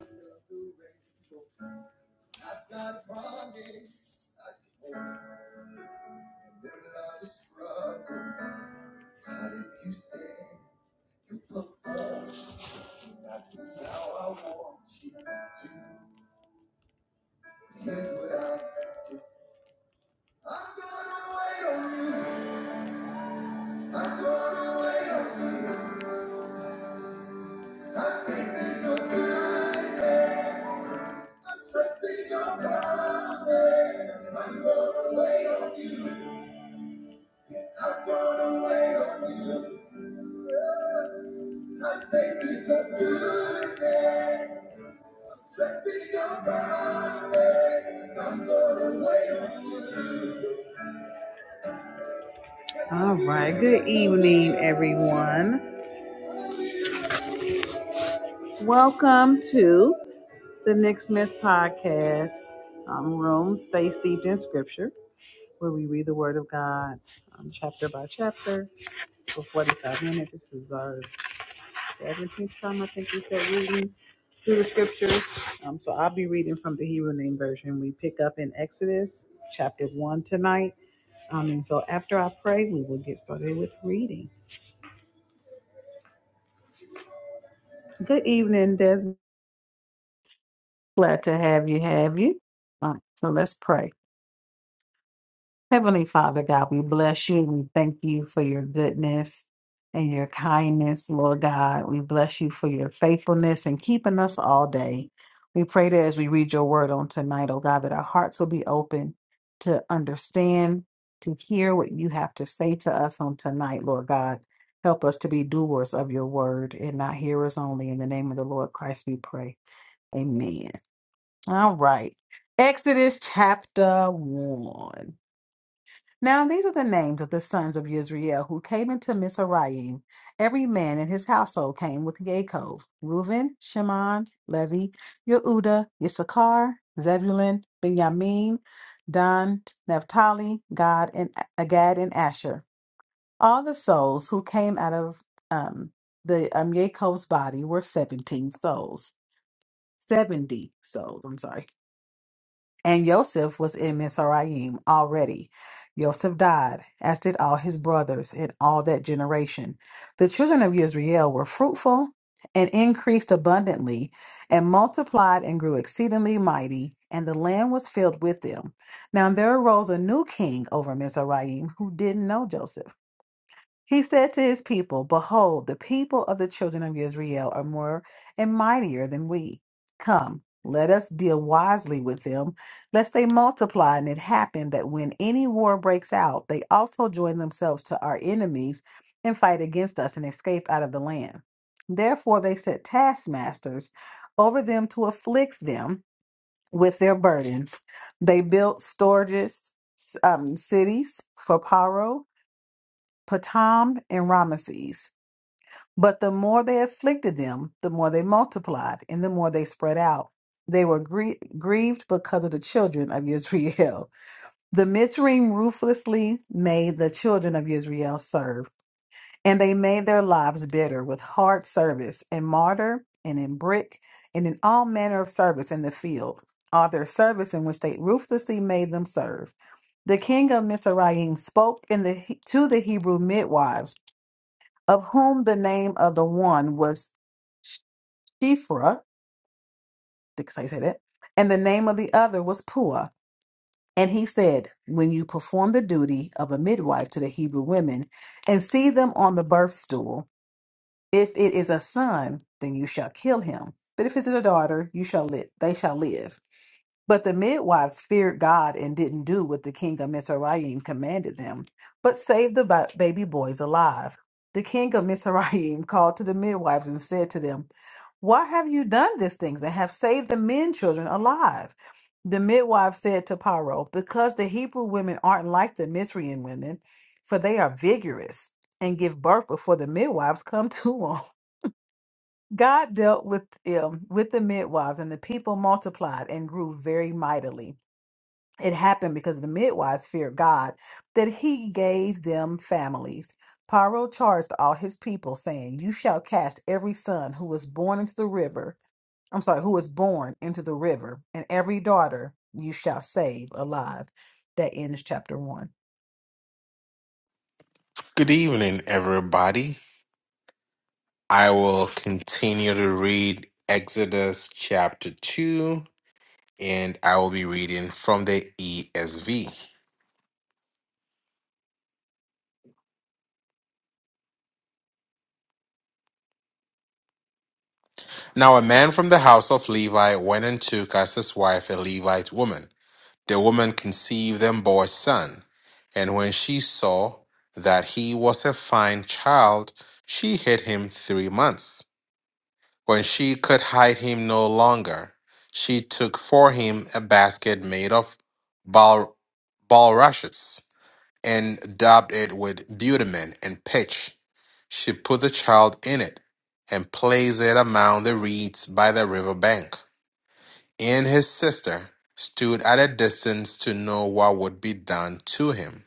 I've got a I can hold. And then I just struggle. But if you said you look up, now I want you to. Here's what I do. I'm gonna wait on you. I'm gonna wait on you. I'm tasting your kindness. I'm trusting your promise. I'm gonna wait on you. I wanna lay on you. I tasted your goodness. Trust in your promise. I'm gonna lay on you. All right. Good evening, everyone. Welcome to the Nick Smith Podcast um, Room. Stay steeped in Scripture, where we read the Word of God um, chapter by chapter for 45 minutes. This is our Seventeenth time, I think we said reading through the scriptures. Um, so I'll be reading from the Hebrew Name Version. We pick up in Exodus chapter one tonight. Um, and so after I pray, we will get started with reading. Good evening, Desmond. Glad to have you. Have you? All right, so let's pray. Heavenly Father God, we bless you. We thank you for your goodness and your kindness, Lord God. We bless you for your faithfulness and keeping us all day. We pray that as we read your word on tonight, oh God, that our hearts will be open to understand, to hear what you have to say to us on tonight, Lord God. Help us to be doers of your word and not hearers only. In the name of the Lord Christ, we pray. Amen. All right. Exodus chapter 1. Now these are the names of the sons of Israel who came into Mizraim. Every man in his household came with Yaakov: Reuben, Shimon, Levi, Yehuda, Issachar, Zebulun, Benjamin, Dan, Naphtali, Gad, and Agad and Asher. All the souls who came out of um, the um, Yaakov's body were seventeen souls. Seventy souls. I'm sorry. And Yosef was in Mizraim already. Yosef died, as did all his brothers and all that generation. The children of Israel were fruitful and increased abundantly, and multiplied and grew exceedingly mighty, and the land was filled with them. Now there arose a new king over Mizraim who didn't know Joseph. He said to his people, Behold, the people of the children of Israel are more and mightier than we. Come, let us deal wisely with them, lest they multiply. And it happen that when any war breaks out, they also join themselves to our enemies and fight against us and escape out of the land. Therefore, they set taskmasters over them to afflict them with their burdens. They built storages, um, cities for Paro Patam and Rameses. But the more they afflicted them, the more they multiplied, and the more they spread out. They were grie- grieved because of the children of Israel. The Mitzrayim ruthlessly made the children of Israel serve, and they made their lives bitter with hard service in mortar and in brick and in all manner of service in the field, all their service in which they ruthlessly made them serve. The king of Mizraim spoke in the, to the Hebrew midwives of whom the name of the one was Shifra, did I say that? And the name of the other was Pua. And he said, When you perform the duty of a midwife to the Hebrew women and see them on the birth stool, if it is a son, then you shall kill him. But if it is a daughter, you shall live. They shall live. But the midwives feared God and didn't do what the king of Mizraim commanded them, but saved the ba- baby boys alive. The king of Mizraim called to the midwives and said to them, Why have you done these things and have saved the men children alive? The midwife said to Pharaoh, Because the Hebrew women aren't like the Mizraim women, for they are vigorous and give birth before the midwives come to them. God dealt with them, with the midwives, and the people multiplied and grew very mightily it happened because the midwives feared God, that he gave them families. Paro charged all his people, saying, You shall cast every son who is born into the river. I'm sorry, who was born into the river, and every daughter you shall save alive. That ends chapter one. Good evening, everybody. I will continue to read Exodus chapter 2, and I will be reading from the ESV. Now, a man from the house of Levi went and took as his wife a Levite woman. The woman conceived and bore a son, and when she saw that he was a fine child, she hid him three months. When she could hide him no longer, she took for him a basket made of bul- bulrushes and daubed it with bitumen and pitch. She put the child in it and placed it among the reeds by the river bank. And his sister stood at a distance to know what would be done to him.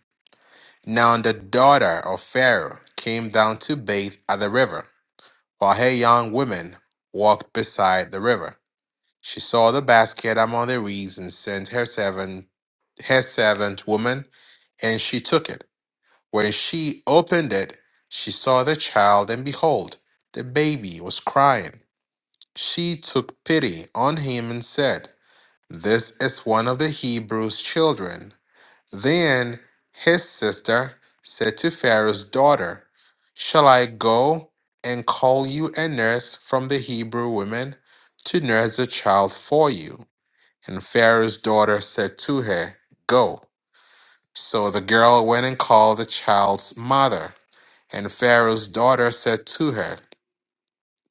Now the daughter of Pharaoh came down to bathe at the river, while her young women walked beside the river. She saw the basket among the reeds and sent her servant, her servant woman, and she took it. When she opened it, she saw the child, and behold, the baby was crying. She took pity on him and said, This is one of the Hebrews' children. Then his sister said to Pharaoh's daughter, Shall I go and call you a nurse from the Hebrew women to nurse the child for you? And Pharaoh's daughter said to her, Go. So the girl went and called the child's mother. And Pharaoh's daughter said to her,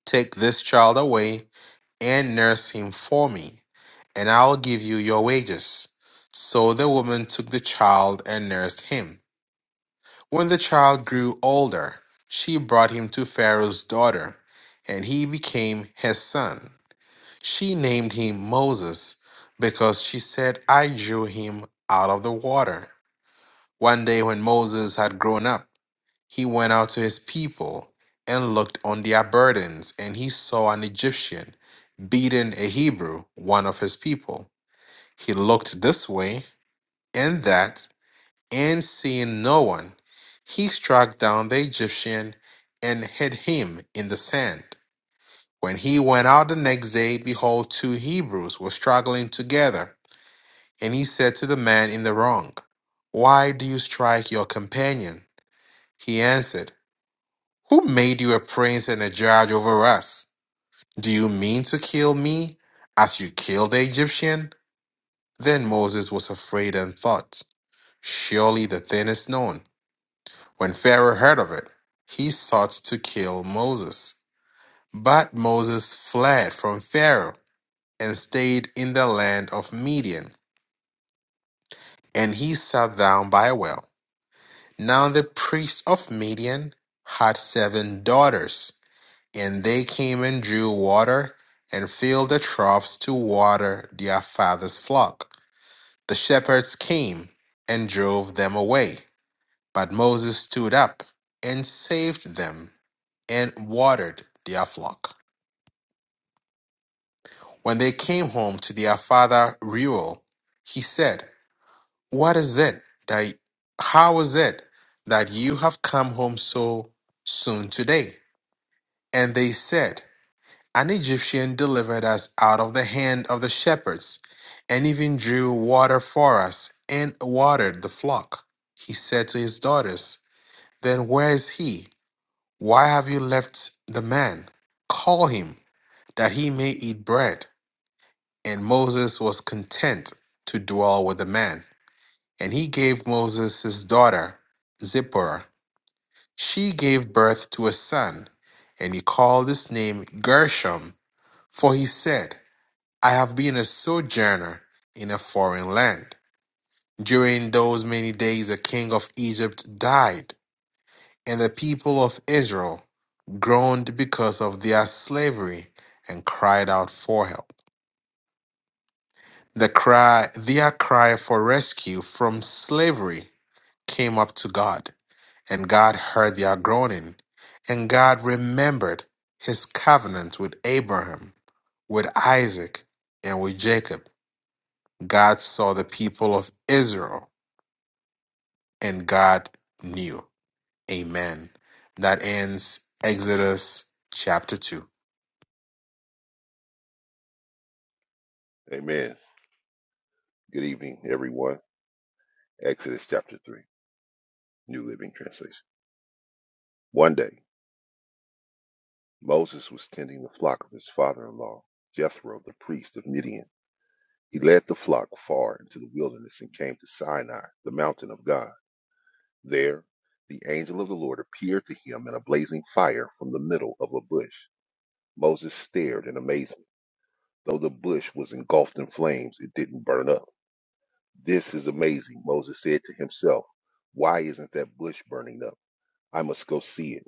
Take this child away and nurse him for me, and I'll give you your wages. So the woman took the child and nursed him. When the child grew older, she brought him to Pharaoh's daughter, and he became his son. She named him Moses because she said, I drew him out of the water. One day, when Moses had grown up, he went out to his people and looked on their burdens, and he saw an Egyptian beating a Hebrew, one of his people. He looked this way and that, and seeing no one, he struck down the Egyptian and hid him in the sand. When he went out the next day, behold, two Hebrews were struggling together. And he said to the man in the wrong, Why do you strike your companion? He answered, Who made you a prince and a judge over us? Do you mean to kill me as you killed the Egyptian? Then Moses was afraid and thought, Surely the thing is known. When Pharaoh heard of it, he sought to kill Moses. But Moses fled from Pharaoh and stayed in the land of Midian, and he sat down by a well. Now the priest of Midian had seven daughters, and they came and drew water and filled the troughs to water their father's flock. The shepherds came and drove them away, but Moses stood up and saved them and watered their flock. When they came home to their father Reuel, he said, What is it that how is it that you have come home so soon today? And they said, An Egyptian delivered us out of the hand of the shepherds, and even drew water for us, and watered the flock. He said to his daughters, Then where is he? Why have you left the man? Call him, that he may eat bread. And Moses was content to dwell with the man. And he gave Moses his daughter, Zipporah. She gave birth to a son, and he called his name Gershom. For he said, I have been a sojourner in a foreign land. During those many days, the king of Egypt died, and the people of Israel groaned because of their slavery and cried out for help. The cry, their cry for rescue from slavery came up to God, and God heard their groaning, and God remembered his covenant with Abraham, with Isaac, and with Jacob. God saw the people of Israel and God knew. Amen. That ends Exodus chapter 2. Amen. Good evening, everyone. Exodus chapter 3, New Living Translation. One day, Moses was tending the flock of his father in law, Jethro, the priest of Midian. He led the flock far into the wilderness and came to Sinai, the mountain of God. There, the angel of the Lord appeared to him in a blazing fire from the middle of a bush. Moses stared in amazement. Though the bush was engulfed in flames, it didn't burn up. This is amazing, Moses said to himself. Why isn't that bush burning up? I must go see it.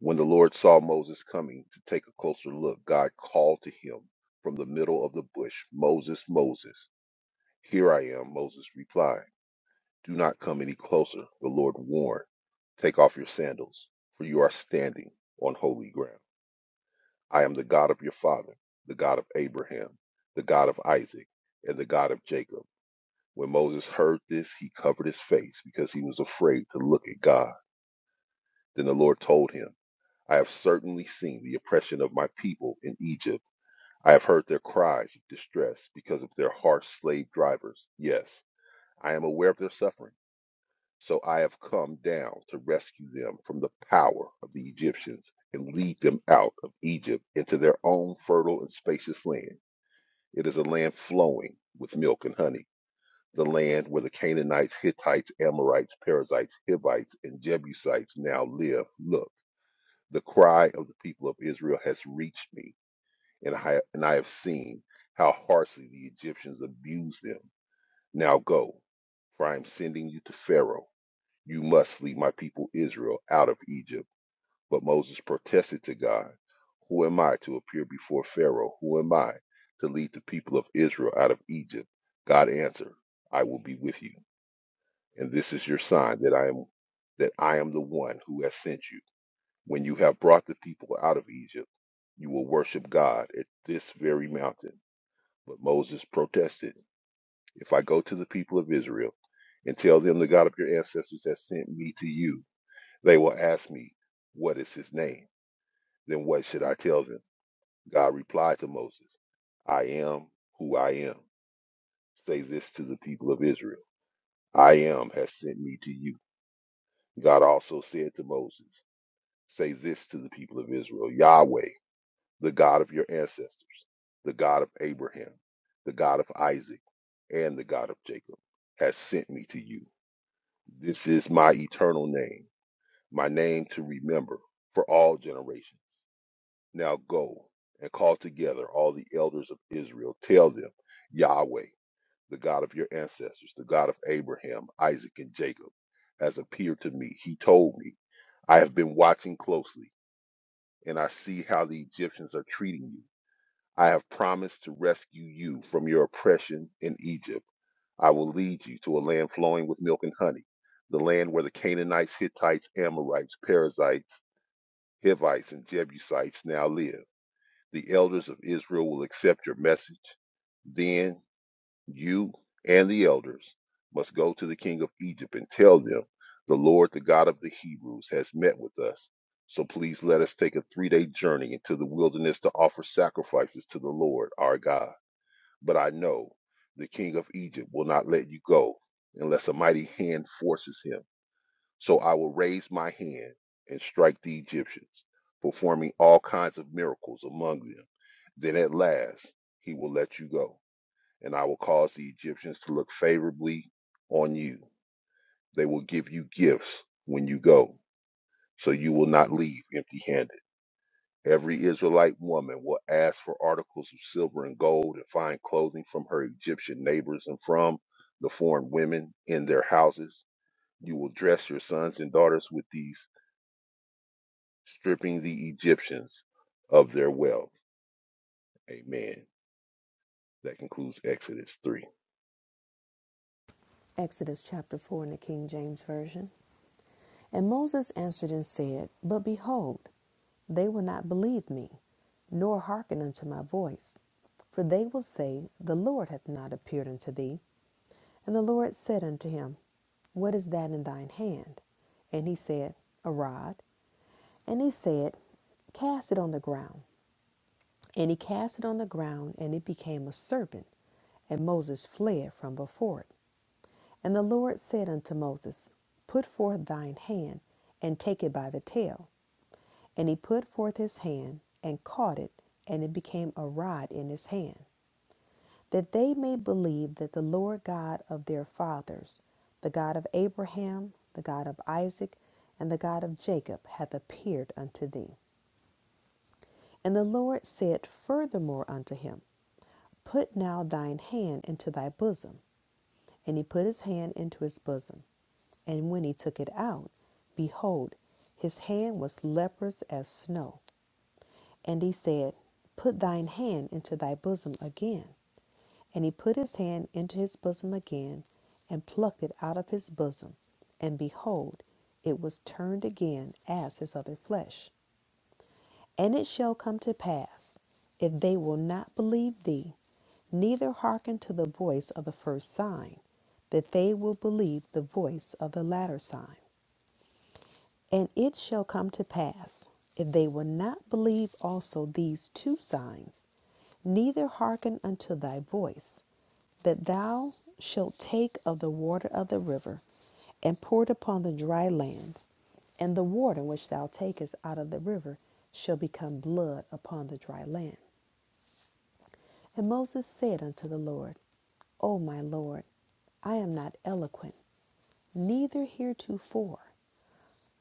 When the Lord saw Moses coming to take a closer look, God called to him from the middle of the bush, Moses, Moses. Here I am, Moses replied. Do not come any closer, the Lord warned. Take off your sandals, for you are standing on holy ground. I am the God of your father, the God of Abraham, the God of Isaac, and the God of Jacob. When Moses heard this, he covered his face because he was afraid to look at God. Then the Lord told him. I have certainly seen the oppression of my people in Egypt. I have heard their cries of distress because of their harsh slave drivers. Yes, I am aware of their suffering. So I have come down to rescue them from the power of the Egyptians and lead them out of Egypt into their own fertile and spacious land. It is a land flowing with milk and honey, the land where the Canaanites, Hittites, Amorites, Perizzites, Hivites, and Jebusites now live. Look, the cry of the people of Israel has reached me and I, and I have seen how harshly the Egyptians abused them. Now go, for I am sending you to Pharaoh. You must lead my people Israel out of Egypt. But Moses protested to God, Who am I to appear before Pharaoh? Who am I to lead the people of Israel out of Egypt? God answered, I will be with you, and this is your sign that I am that I am the one who has sent you. When you have brought the people out of Egypt, you will worship God at this very mountain. But Moses protested, If I go to the people of Israel and tell them the God of your ancestors has sent me to you, they will ask me, 'What is his name? Then what should I tell them? God replied to Moses, I am who I am. Say this to the people of Israel: 'I am has sent me to you. God also said to Moses, Say this to the people of Israel Yahweh the God of your ancestors, the God of Abraham, the God of Isaac, and the God of Jacob, has sent me to you. This is my eternal name, my name to remember for all generations. Now go and call together all the elders of Israel. Tell them, Yahweh, the God of your ancestors, the God of Abraham, Isaac, and Jacob, has appeared to me. He told me, I have been watching closely, and I see how the Egyptians are treating you I have promised to rescue you from your oppression in Egypt. I will lead you to a land flowing with milk and honey, the land where the Canaanites, Hittites, Amorites, Perizzites, Hivites, and Jebusites now live. The elders of Israel will accept your message. Then you and the elders must go to the king of Egypt and tell them, The Lord, the God of the Hebrews, has met with us. So please let us take a three day journey into the wilderness to offer sacrifices to the Lord our God. But I know the king of Egypt will not let you go unless a mighty hand forces him. So I will raise my hand and strike the Egyptians, performing all kinds of miracles among them. Then at last he will let you go, and I will cause the Egyptians to look favorably on you. They will give you gifts when you go, so you will not leave empty handed. Every Israelite woman will ask for articles of silver and gold and fine clothing from her Egyptian neighbors and from the foreign women in their houses. You will dress your sons and daughters with these, stripping the Egyptians of their wealth. Amen. That concludes Exodus 3. Exodus chapter 4 in the King James Version. And Moses answered and said, But behold, they will not believe me, nor hearken unto my voice. For they will say, The Lord hath not appeared unto thee. And the Lord said unto him, What is that in thine hand? And he said, A rod. And he said, Cast it on the ground. And he cast it on the ground, and it became a serpent, and Moses fled from before it. And the Lord said unto Moses, Put forth thine hand, and take it by the tail. And he put forth his hand, and caught it, and it became a rod in his hand, that they may believe that the Lord God of their fathers, the God of Abraham, the God of Isaac, and the God of Jacob, hath appeared unto thee. And the Lord said furthermore unto him, Put now thine hand into thy bosom. And he put his hand into his bosom. And when he took it out, behold, his hand was leprous as snow. And he said, Put thine hand into thy bosom again. And he put his hand into his bosom again, and plucked it out of his bosom. And behold, it was turned again as his other flesh. And it shall come to pass, if they will not believe thee, neither hearken to the voice of the first sign, that they will believe the voice of the latter sign. And it shall come to pass, if they will not believe also these two signs, neither hearken unto thy voice, that thou shalt take of the water of the river, and pour it upon the dry land, and the water which thou takest out of the river shall become blood upon the dry land. And Moses said unto the Lord, O my Lord, I am not eloquent, neither heretofore,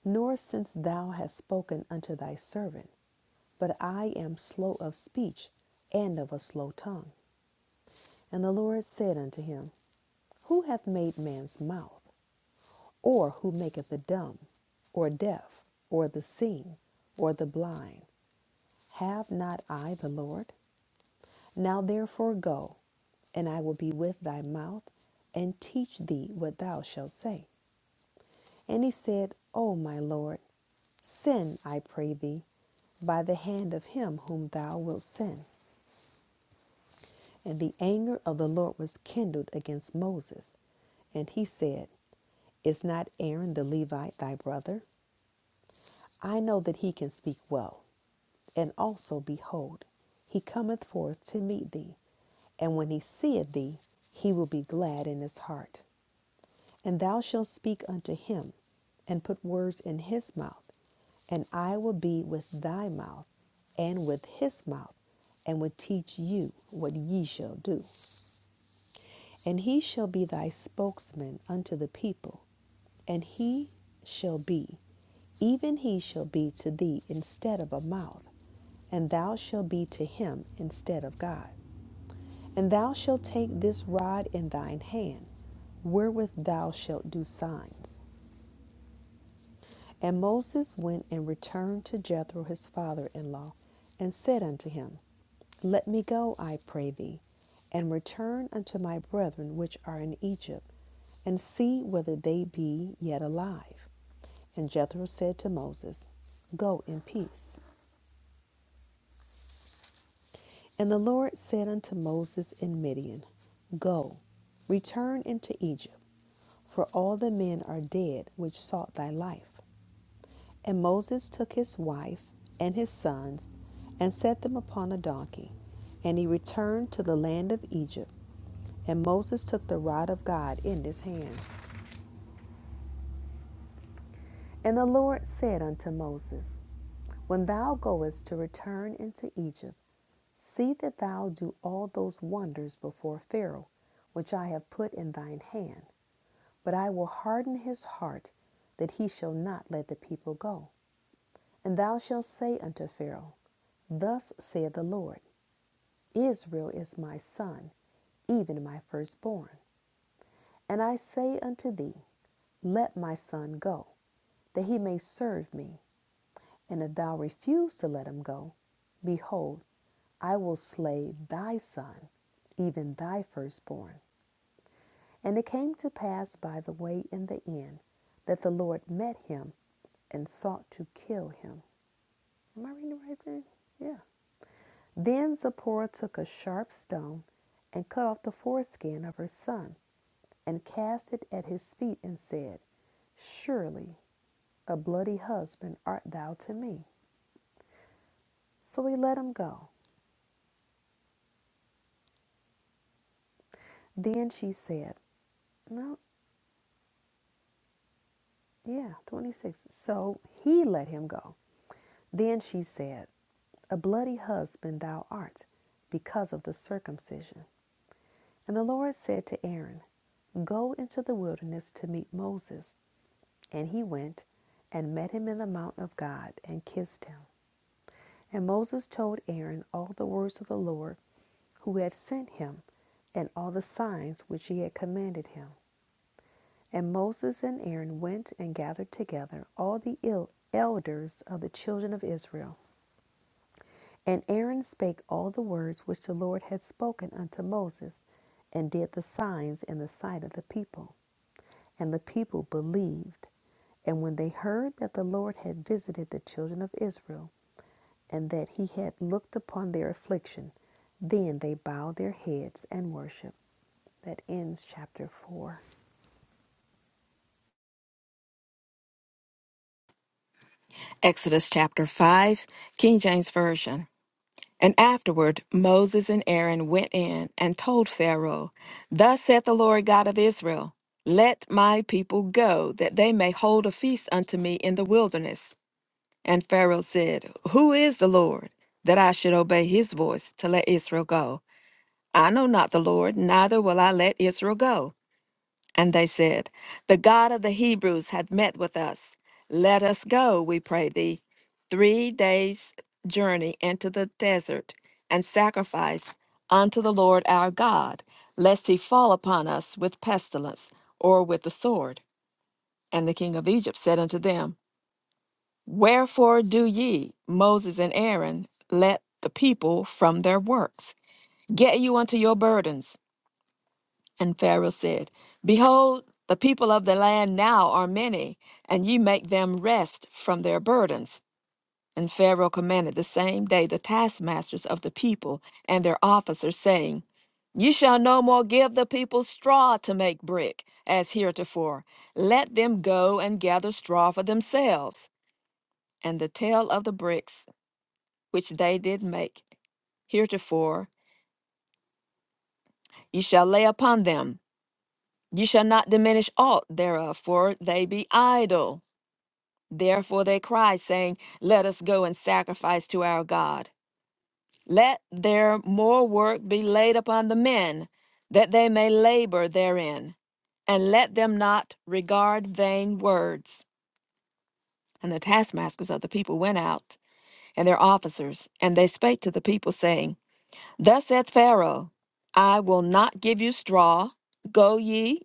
nor since thou hast spoken unto thy servant. But I am slow of speech and of a slow tongue. And the Lord said unto him, Who hath made man's mouth? Or who maketh the dumb, or deaf, or the seeing, or the blind? Have not I the Lord? Now therefore go, and I will be with thy mouth, and teach thee what thou shalt say. And he said, O my Lord, send, I pray thee, by the hand of him whom thou wilt send. And the anger of the Lord was kindled against Moses. And he said, Is not Aaron the Levite thy brother? I know that he can speak well. And also, behold, he cometh forth to meet thee. And when he seeth thee, he will be glad in his heart. And thou shalt speak unto him, and put words in his mouth. And I will be with thy mouth, and with his mouth, and will teach you what ye shall do. And he shall be thy spokesman unto the people, and he shall be, even he shall be to thee instead of a mouth, and thou shalt be to him instead of God. And thou shalt take this rod in thine hand, wherewith thou shalt do signs. And Moses went and returned to Jethro his father in law, and said unto him, Let me go, I pray thee, and return unto my brethren which are in Egypt, and see whether they be yet alive. And Jethro said to Moses, Go in peace. And the Lord said unto Moses in Midian, Go, return into Egypt, for all the men are dead which sought thy life. And Moses took his wife and his sons, and set them upon a donkey, and he returned to the land of Egypt. And Moses took the rod of God in his hand. And the Lord said unto Moses, When thou goest to return into Egypt, see that thou do all those wonders before Pharaoh, which I have put in thine hand. But I will harden his heart, that he shall not let the people go. And thou shalt say unto Pharaoh, Thus saith the Lord, Israel is my son, even my firstborn. And I say unto thee, Let my son go, that he may serve me. And if thou refuse to let him go, behold, I will slay thy son, even thy firstborn. And it came to pass by the way in the end that the Lord met him and sought to kill him. Am I reading the right thing? Yeah. Then Zipporah took a sharp stone and cut off the foreskin of her son and cast it at his feet and said, Surely a bloody husband art thou to me. So he let him go. Then she said, No, yeah, 26. So he let him go. Then she said, A bloody husband thou art, because of the circumcision. And the Lord said to Aaron, Go into the wilderness to meet Moses. And he went and met him in the mountain of God and kissed him. And Moses told Aaron all the words of the Lord who had sent him and all the signs which he had commanded him. And Moses and Aaron went and gathered together all the elders of the children of Israel. And Aaron spake all the words which the Lord had spoken unto Moses, and did the signs in the sight of the people. And the people believed. And when they heard that the Lord had visited the children of Israel, and that he had looked upon their affliction, then they bowed their heads and worshiped. That ends chapter 4. Exodus chapter 5, King James Version. And afterward Moses and Aaron went in and told Pharaoh, Thus saith the Lord God of Israel, Let my people go, that they may hold a feast unto me in the wilderness. And Pharaoh said, Who is the Lord, that I should obey his voice to let Israel go? I know not the Lord, neither will I let Israel go. And they said, The God of the Hebrews hath met with us. Let us go, we pray thee, three days' journey into the desert, and sacrifice unto the Lord our God, lest he fall upon us with pestilence or with the sword. And the king of Egypt said unto them, Wherefore do ye, Moses and Aaron, let the people from their works? Get you unto your burdens. And Pharaoh said, Behold, the people of the land now are many, and ye make them rest from their burdens. And Pharaoh commanded the same day the taskmasters of the people and their officers, saying, Ye shall no more give the people straw to make brick, as heretofore. Let them go and gather straw for themselves. And the tale of the bricks which they did make heretofore ye shall lay upon them, You shall not diminish aught thereof, for they be idle. Therefore they cry, saying, Let us go and sacrifice to our God. Let their more work be laid upon the men, that they may labor therein. And let them not regard vain words. And the taskmasters of the people went out, and their officers, and they spake to the people, saying, Thus saith Pharaoh, I will not give you straw. Go ye,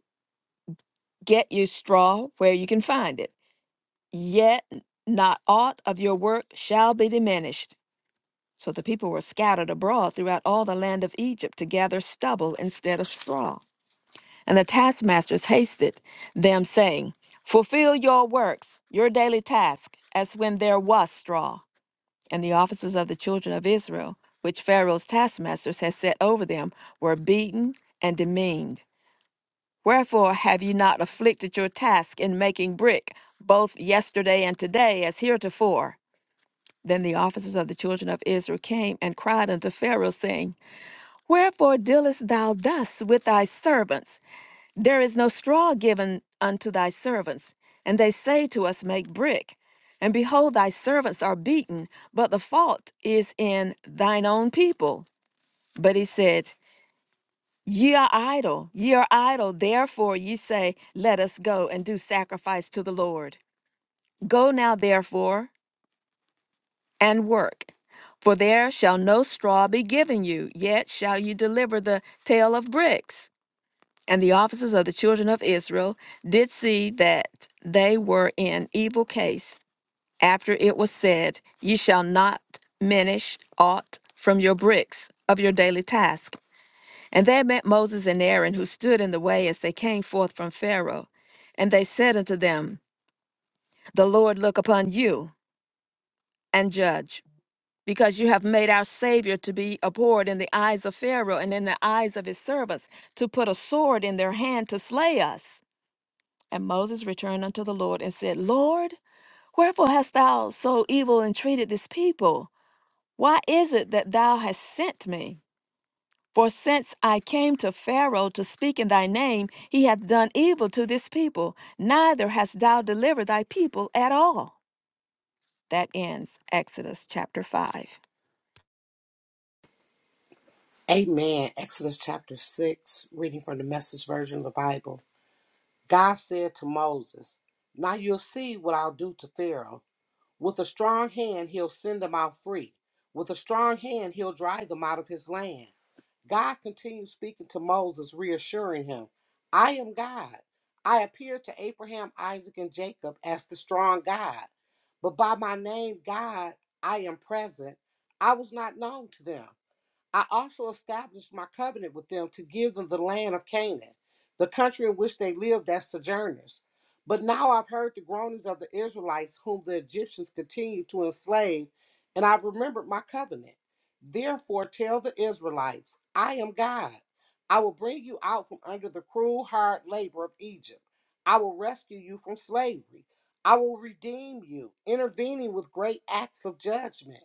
get you straw where you can find it yet not aught of your work shall be diminished. So the people were scattered abroad throughout all the land of Egypt to gather stubble instead of straw. And the taskmasters hasted them, saying, Fulfill your works, your daily task, as when there was straw. And the officers of the children of Israel, which Pharaoh's taskmasters had set over them, were beaten and demeaned. Wherefore have ye not afflicted your task in making brick, both yesterday and today, as heretofore? Then the officers of the children of Israel came and cried unto Pharaoh, saying, Wherefore dealest thou thus with thy servants? There is no straw given unto thy servants. And they say to us, Make brick. And behold, thy servants are beaten, but the fault is in thine own people. But he said, Ye are idle, ye are idle, therefore ye say, Let us go and do sacrifice to the Lord. Go now, therefore. and work. For there shall no straw be given you, yet shall you deliver the tale of bricks. And the officers of the children of Israel did see that they were in evil case. After it was said, Ye shall not minish aught from your bricks of your daily task. And they met Moses and Aaron, who stood in the way as they came forth from Pharaoh. And they said unto them, The Lord look upon you and judge. because you have made our Savior to be abhorred in the eyes of Pharaoh and in the eyes of his servants, to put a sword in their hand to slay us. And Moses returned unto the Lord and said, Lord, wherefore hast thou so evil entreated this people? Why is it that thou hast sent me? For since I came to Pharaoh to speak in thy name, he hath done evil to this people, neither hast thou delivered thy people at all. That ends Exodus chapter 5. Amen. Exodus chapter 6, reading from the message version of the Bible. God said to Moses, Now you'll see what I'll do to Pharaoh. With a strong hand, he'll send them out free. With a strong hand, he'll drive them out of his land. God continued speaking to Moses, reassuring him, I am God. I appeared to Abraham, Isaac, and Jacob as the strong God. But by my name, God, I am present. I was not known to them. I also established my covenant with them to give them the land of Canaan, the country in which they lived as sojourners. But now I've heard the groanings of the Israelites, whom the Egyptians continue to enslave, and I've remembered my covenant. Therefore, tell the Israelites, I am God. I will bring you out from under the cruel, hard labor of Egypt. I will rescue you from slavery. I will redeem you, intervening with great acts of judgment.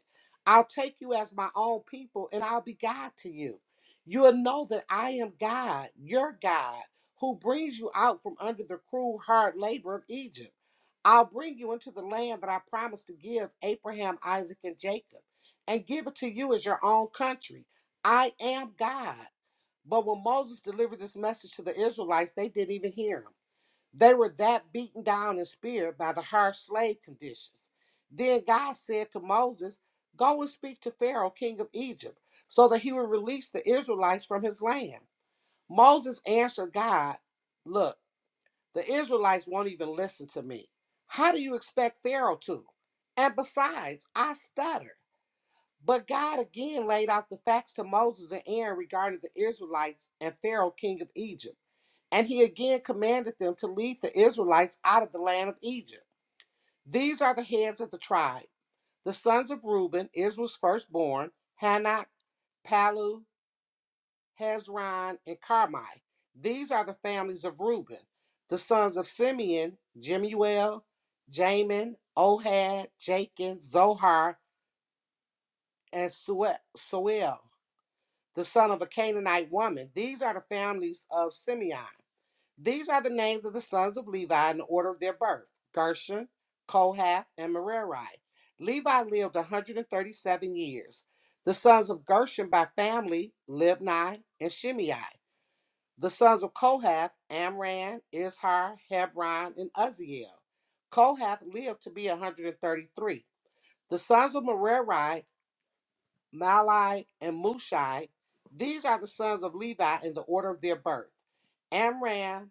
I'll take you as my own people and I'll be God to you. You'll know that I am God, your God, who brings you out from under the cruel, hard labor of Egypt. I'll bring you into the land that I promised to give Abraham, Isaac, and Jacob, and give it to you as your own country. I am God. But when Moses delivered this message to the Israelites, they didn't even hear him. They were that beaten down in spirit by the harsh slave conditions. Then God said to Moses, Go and speak to Pharaoh, king of Egypt, so that he will release the Israelites from his land. Moses answered God, Look, the Israelites won't even listen to me. How do you expect Pharaoh to? And besides, I stutter. But God again laid out the facts to Moses and Aaron regarding the Israelites and Pharaoh, king of Egypt. And he again commanded them to lead the Israelites out of the land of Egypt. These are the heads of the tribe. The sons of Reuben, Israel's firstborn, Hanok, Palu, Hezron, and Carmi. These are the families of Reuben. The sons of Simeon, Jemuel, Jamin, Ohad, Jachin, Zohar, and Suel. Suel, The son of a Canaanite woman. These are the families of Simeon. These are the names of the sons of Levi in the order of their birth Gershon, Kohath, and Merari. Levi lived 137 years. The sons of Gershon by family, Libni and Shimei. The sons of Kohath, Amram, Izhar, Hebron, and Uzziel. Kohath lived to be 133. The sons of Merari, Malai, and Mushai. These are the sons of Levi in the order of their birth. Amram,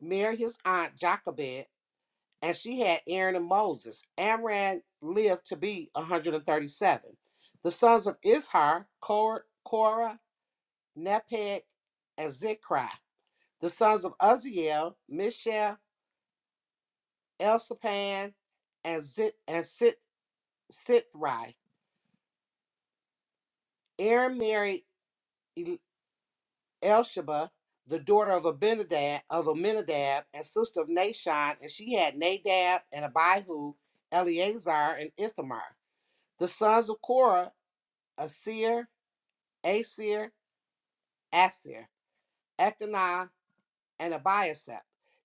married his aunt Jochebed, and she had Aaron and Moses. Amram lived to be 137. The sons of Ishar, Korah, Korah Nepheg, and Zikri. The sons of Uzziel, Mishael, Elsapan, and Zit and Sit Sithri. Aaron married El- the daughter of Abinadab of Aminadab, and sister of Nashon, and she had Nadab and Abihu, Eleazar, and Ithamar. The sons of Korah, Asir, Asir, Asir, Elkanah, and Abiasap.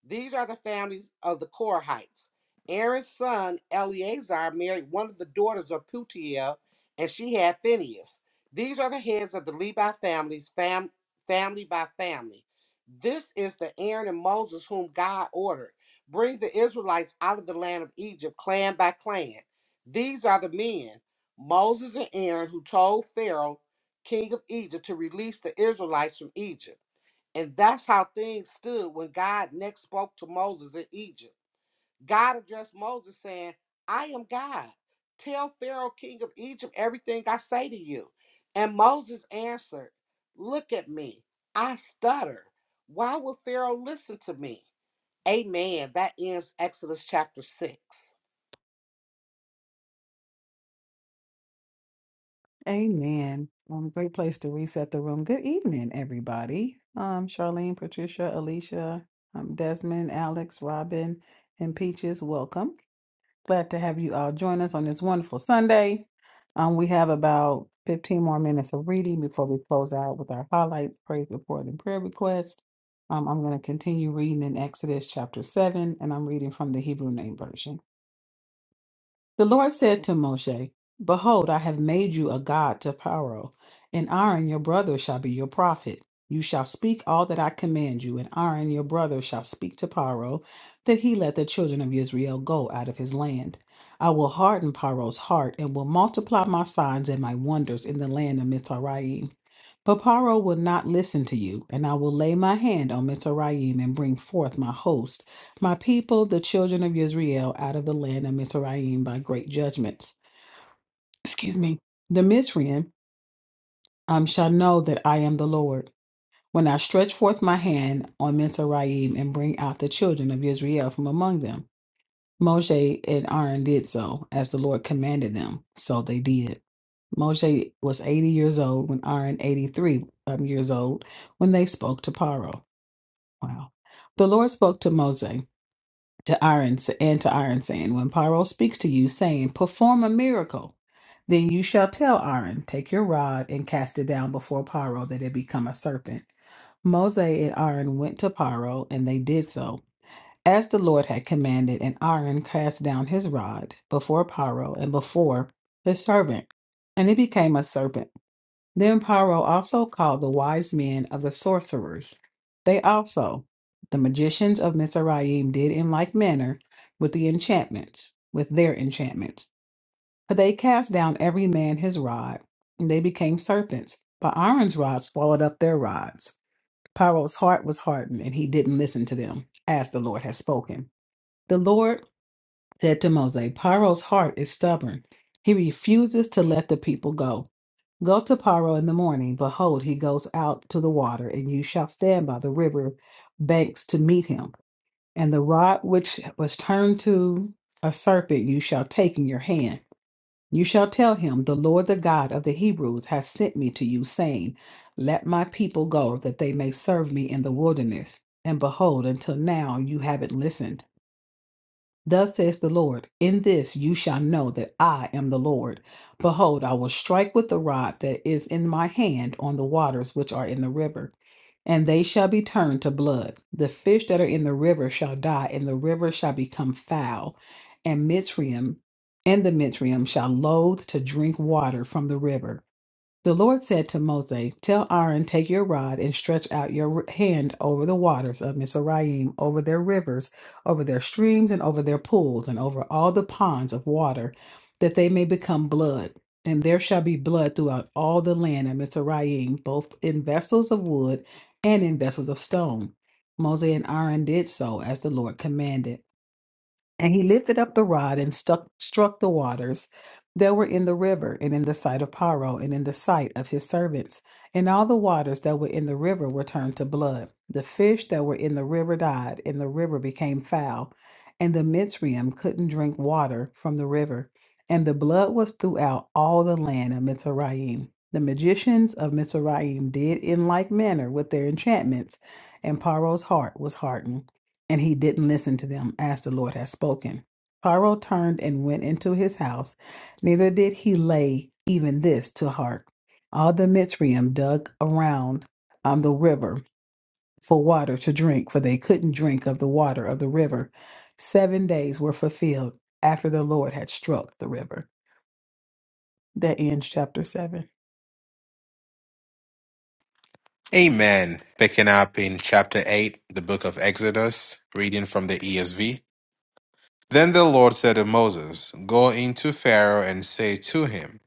These are the families of the Korahites. Aaron's son Eleazar married one of the daughters of Putiel, and she had Phineas. These are the heads of the Levi families, fam- family by family. This is the Aaron and Moses whom God ordered. Bring the Israelites out of the land of Egypt, clan by clan. These are the men, Moses and Aaron, who told Pharaoh, king of Egypt, to release the Israelites from Egypt. And that's how things stood when God next spoke to Moses in Egypt. God addressed Moses saying, I am God. Tell Pharaoh, king of Egypt, everything I say to you. And Moses answered, Look at me. I stutter. Why would Pharaoh listen to me? Amen. That ends Exodus chapter 6. Amen. Um, great place to reset the room. Good evening, everybody. Um, Charlene, Patricia, Alicia, um, Desmond, Alex, Robin, and Peaches, welcome. Glad to have you all join us on this wonderful Sunday. Um, we have about 15 more minutes of reading before we close out with our highlights, praise report, and prayer request. Um, I'm going to continue reading in Exodus chapter 7, and I'm reading from the Hebrew Name Version. The Lord said to Moshe, Behold, I have made you a god to Pharaoh, and Aaron your brother shall be your prophet. You shall speak all that I command you, and Aaron your brother shall speak to Pharaoh, that he let the children of Israel go out of his land. I will harden Pharaoh's heart, and will multiply my signs and my wonders in the land of Mitzrayim. But Pharaoh will not listen to you, and I will lay my hand on Mitzrayim and bring forth my host my people, the children of Israel, out of the land of Mizraim by great judgments. Excuse me. The Mizraim um, shall know that I am the Lord, when I stretch forth my hand on Mizraim and bring out the children of Israel from among them. Moshe and Aaron did so, as the Lord commanded them. So they did. Moshe was 80 years old when Aaron, 83 um, years old, when they spoke to Paro. Wow. The Lord spoke to Moshe. to iron and to iron saying when pyro speaks to you saying perform a miracle then you shall tell aaron take your rod and cast it down before pyro that it become a serpent Moses and aaron went to pyro and they did so as the lord had commanded and aaron cast down his rod before pyro and before his servant and it became a serpent then Paro also called the wise men of the sorcerers. They also, the magicians of Mizraim, did in like manner with the enchantments, with their enchantments. For they cast down every man his rod, and they became serpents. But Aaron's rod swallowed up their rods. Paro's heart was hardened, and he didn't listen to them, as the Lord had spoken. The Lord said to Moses, Paro's heart is stubborn. He refuses to let the people go. Go to Paro in the morning. Behold, he goes out to the water, and you shall stand by the river banks to meet him. And the rod which was turned to a serpent you shall take in your hand. You shall tell him, The Lord the God of the Hebrews has sent me to you, saying, Let my people go, that they may serve me in the wilderness. And behold, until now you haven't listened. Thus says the Lord, in this you shall know that I am the Lord. Behold, I will strike with the rod that is in my hand on the waters which are in the river, and they shall be turned to blood. The fish that are in the river shall die, and the river shall become foul, and Mitzrayim and the Mitzrayim shall loathe to drink water from the river. The Lord said to Moses, Tell Aaron, take your rod and stretch out your hand over the waters of Mizraim, over their rivers, over their streams, and over their pools, and over all the ponds of water, that they may become blood. And there shall be blood throughout all the land of Mizraim, both in vessels of wood and in vessels of stone. Moses and Aaron did so as the Lord commanded. And he lifted up the rod and stuck, struck the waters that were in the river, and in the sight of Paro, and in the sight of his servants. And all the waters that were in the river were turned to blood. The fish that were in the river died, and the river became foul. And the Mitzrayim couldn't drink water from the river. And the blood was throughout all the land of Mitzrayim. The magicians of Mitzrayim did in like manner with their enchantments, and Paro's heart was hardened and he didn't listen to them as the Lord had spoken. Pharaoh turned and went into his house, neither did he lay even this to heart. All the Mitzrayim dug around on the river for water to drink, for they couldn't drink of the water of the river. Seven days were fulfilled after the Lord had struck the river. That ends chapter seven. Amen. Picking up in chapter 8, the book of Exodus, reading from the ESV. Then the Lord said to Moses, Go into Pharaoh and say to him,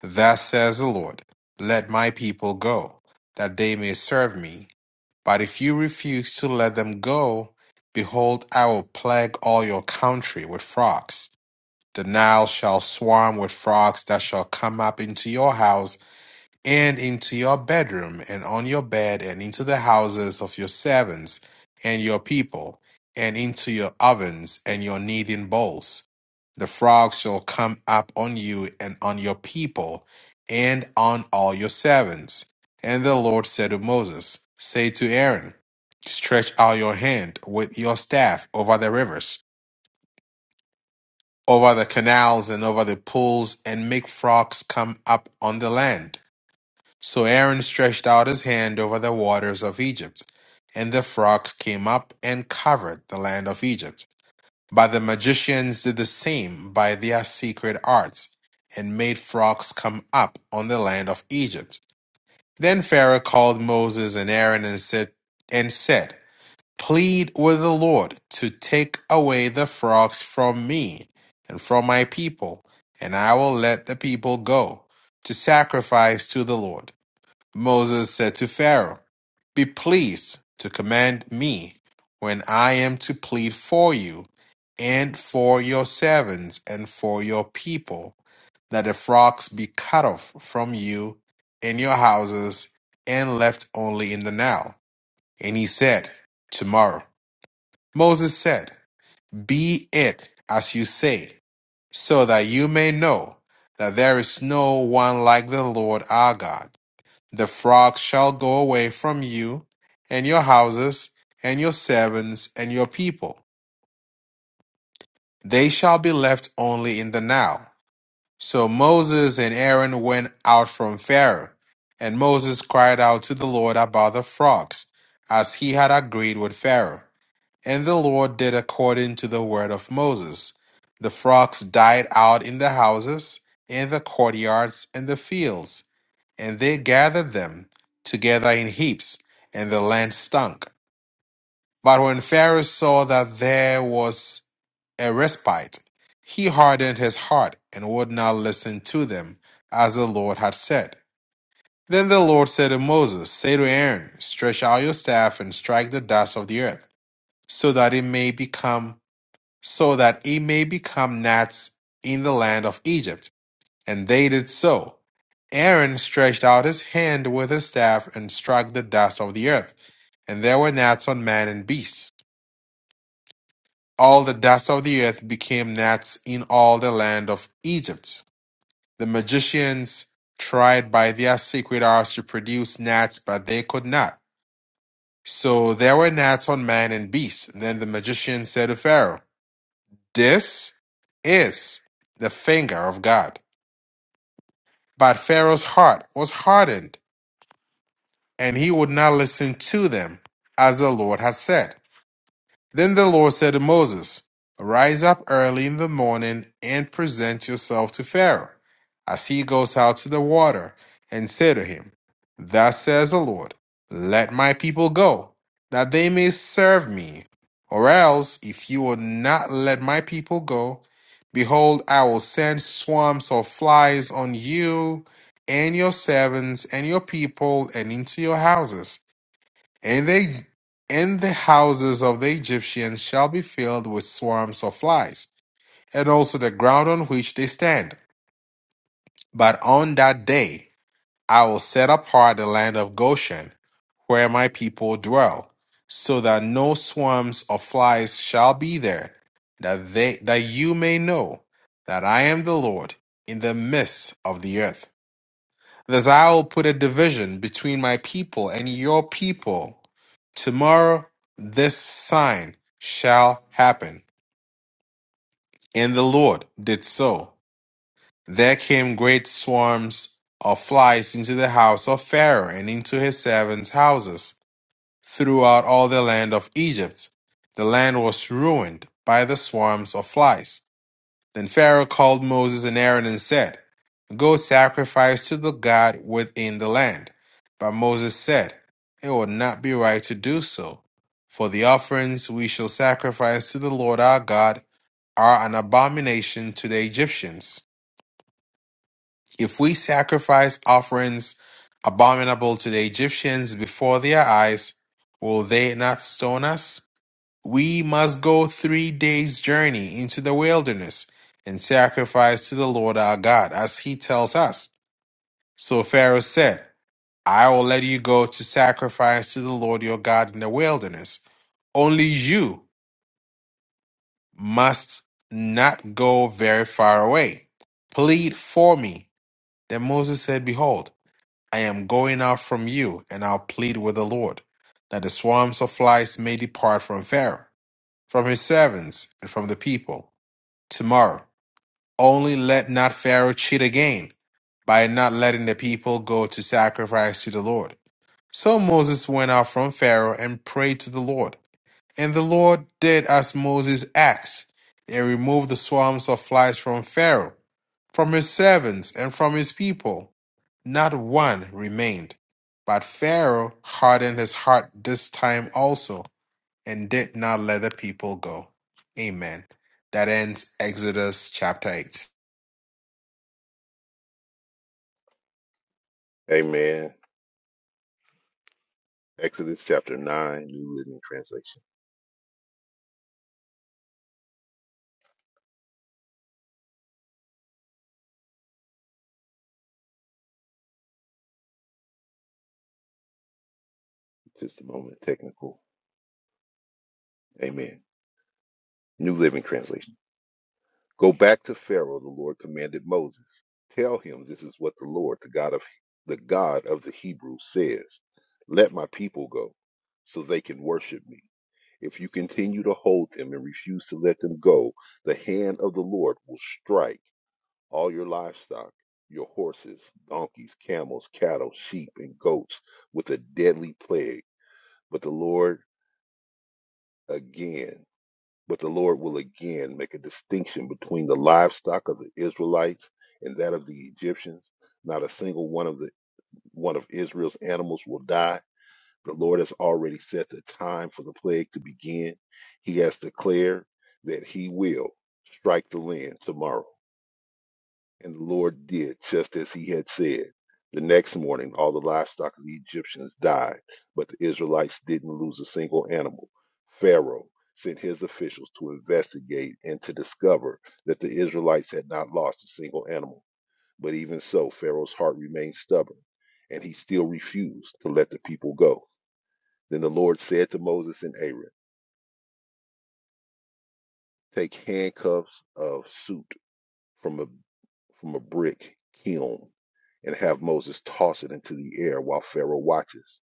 'Thus says the Lord, Let my people go, that they may serve me. But if you refuse to let them go, behold, I will plague all your country with frogs. The Nile shall swarm with frogs that shall come up into your house and into your bedroom and on your bed and into the houses of your servants and your people and into your ovens and your kneading bowls. The frogs shall come up on you and on your people and on all your servants. And the Lord said to Moses, Say to Aaron, Stretch out your hand with your staff over the rivers over the canals and over the pools and make frogs come up on the land. So Aaron stretched out his hand over the waters of Egypt, and the frogs came up and covered the land of Egypt. But the magicians did the same by their secret arts, and made frogs come up on the land of Egypt. Then Pharaoh called Moses and Aaron and said, and said plead with the Lord to take away the frogs from me and from my people, and I will let the people go to sacrifice to the Lord. Moses said to Pharaoh, Be pleased to command me when I am to plead for you and for your servants and for your people, that the frogs be cut off from you and your houses and left only in the Nile. And he said, Tomorrow. Moses said, Be it as you say, so that you may know that there is no one like the Lord our God. The flocks shall go away from you, and your houses, and your servants, and your people. They shall be left only in the Nile. So Moses and Aaron went out from Pharaoh, and Moses cried out to the Lord about the frogs, as he had agreed with Pharaoh. And the Lord did according to the word of Moses. The frogs died out in the houses, in the courtyards, and the fields, and they gathered them together in heaps, and the land stunk. But when Pharaoh saw that there was a respite, he hardened his heart and would not listen to them, as the Lord had said. Then the Lord said to Moses, Say to Aaron, Stretch out your staff and strike the dust of the earth, so that it may become so that he may become gnats in the land of Egypt. And they did so. Aaron stretched out his hand with his staff and struck the dust of the earth, and there were gnats on man and beast. All the dust of the earth became gnats in all the land of Egypt. The magicians tried by their secret arts to produce gnats, but they could not. So there were gnats on man and beast. Then the magician said to Pharaoh, This is the finger of God. But Pharaoh's heart was hardened, and he would not listen to them, as the Lord had said. Then the Lord said to Moses, Rise up early in the morning and present yourself to Pharaoh as he goes out to the water, and say to him, Thus says the Lord, Let my people go, that they may serve me. Or else, if you will not let my people go, behold, I will send swarms of flies on you and your servants and your people and into your houses and they and the houses of the Egyptians shall be filled with swarms of flies, and also the ground on which they stand. But on that day I will set apart the land of Goshen, where my people dwell, so that no swarms of flies shall be there, that they that you may know that I am the Lord in the midst of the earth. Thus I will put a division between my people and your people. Tomorrow this sign shall happen. And the Lord did so. There came great swarms of flies into the house of Pharaoh and into his servants' houses throughout all the land of Egypt. The land was ruined by the swarms of flies. Then Pharaoh called Moses and Aaron and said, Go sacrifice to the God within the land. But Moses said, It will not be right to do so, for the offerings we shall sacrifice to the Lord our God are an abomination to the Egyptians. If we sacrifice offerings abominable to the Egyptians before their eyes, will they not stone us? We must go three days' journey into the wilderness and sacrifice to the Lord our God, as he tells us. So Pharaoh said, I will let you go to sacrifice to the Lord your God in the wilderness. Only you must not go very far away. Plead for me. Then Moses said, Behold, I am going out from you, and I'll plead with the Lord, that the swarms of flies may depart from Pharaoh, from his servants, and from the people Tomorrow, only let not Pharaoh cheat again by not letting the people go to sacrifice to the Lord. So Moses went out from Pharaoh and prayed to the Lord. And the Lord did as Moses asked. They removed the swarms of flies from Pharaoh, from his servants, and from his people. Not one remained. But Pharaoh hardened his heart this time also and did not let the people go. Amen. That ends Exodus chapter 8. Amen. Exodus chapter 9, New Living Translation. Just a moment, technical. Amen. New Living Translation. Go back to Pharaoh, the Lord commanded Moses. Tell him this is what the Lord, the God of the God of the Hebrews says. Let my people go so they can worship me. If you continue to hold them and refuse to let them go, the hand of the Lord will strike all your livestock, your horses, donkeys, camels, cattle, sheep, and goats with a deadly plague. But the Lord again but the Lord will again make a distinction between the livestock of the Israelites and that of the Egyptians. Not a single one of the one of Israel's animals will die. The Lord has already set the time for the plague to begin. He has declared that he will strike the land tomorrow. And the Lord did just as he had said. The next morning, all the livestock of the Egyptians died, but the Israelites didn't lose a single animal. Pharaoh sent his officials to investigate and to discover that the Israelites had not lost a single animal. But even so, Pharaoh's heart remained stubborn, and he still refused to let the people go. Then the Lord said to Moses and Aaron, Take handcuffs of soot from a from a brick kiln and have Moses toss it into the air while Pharaoh watches.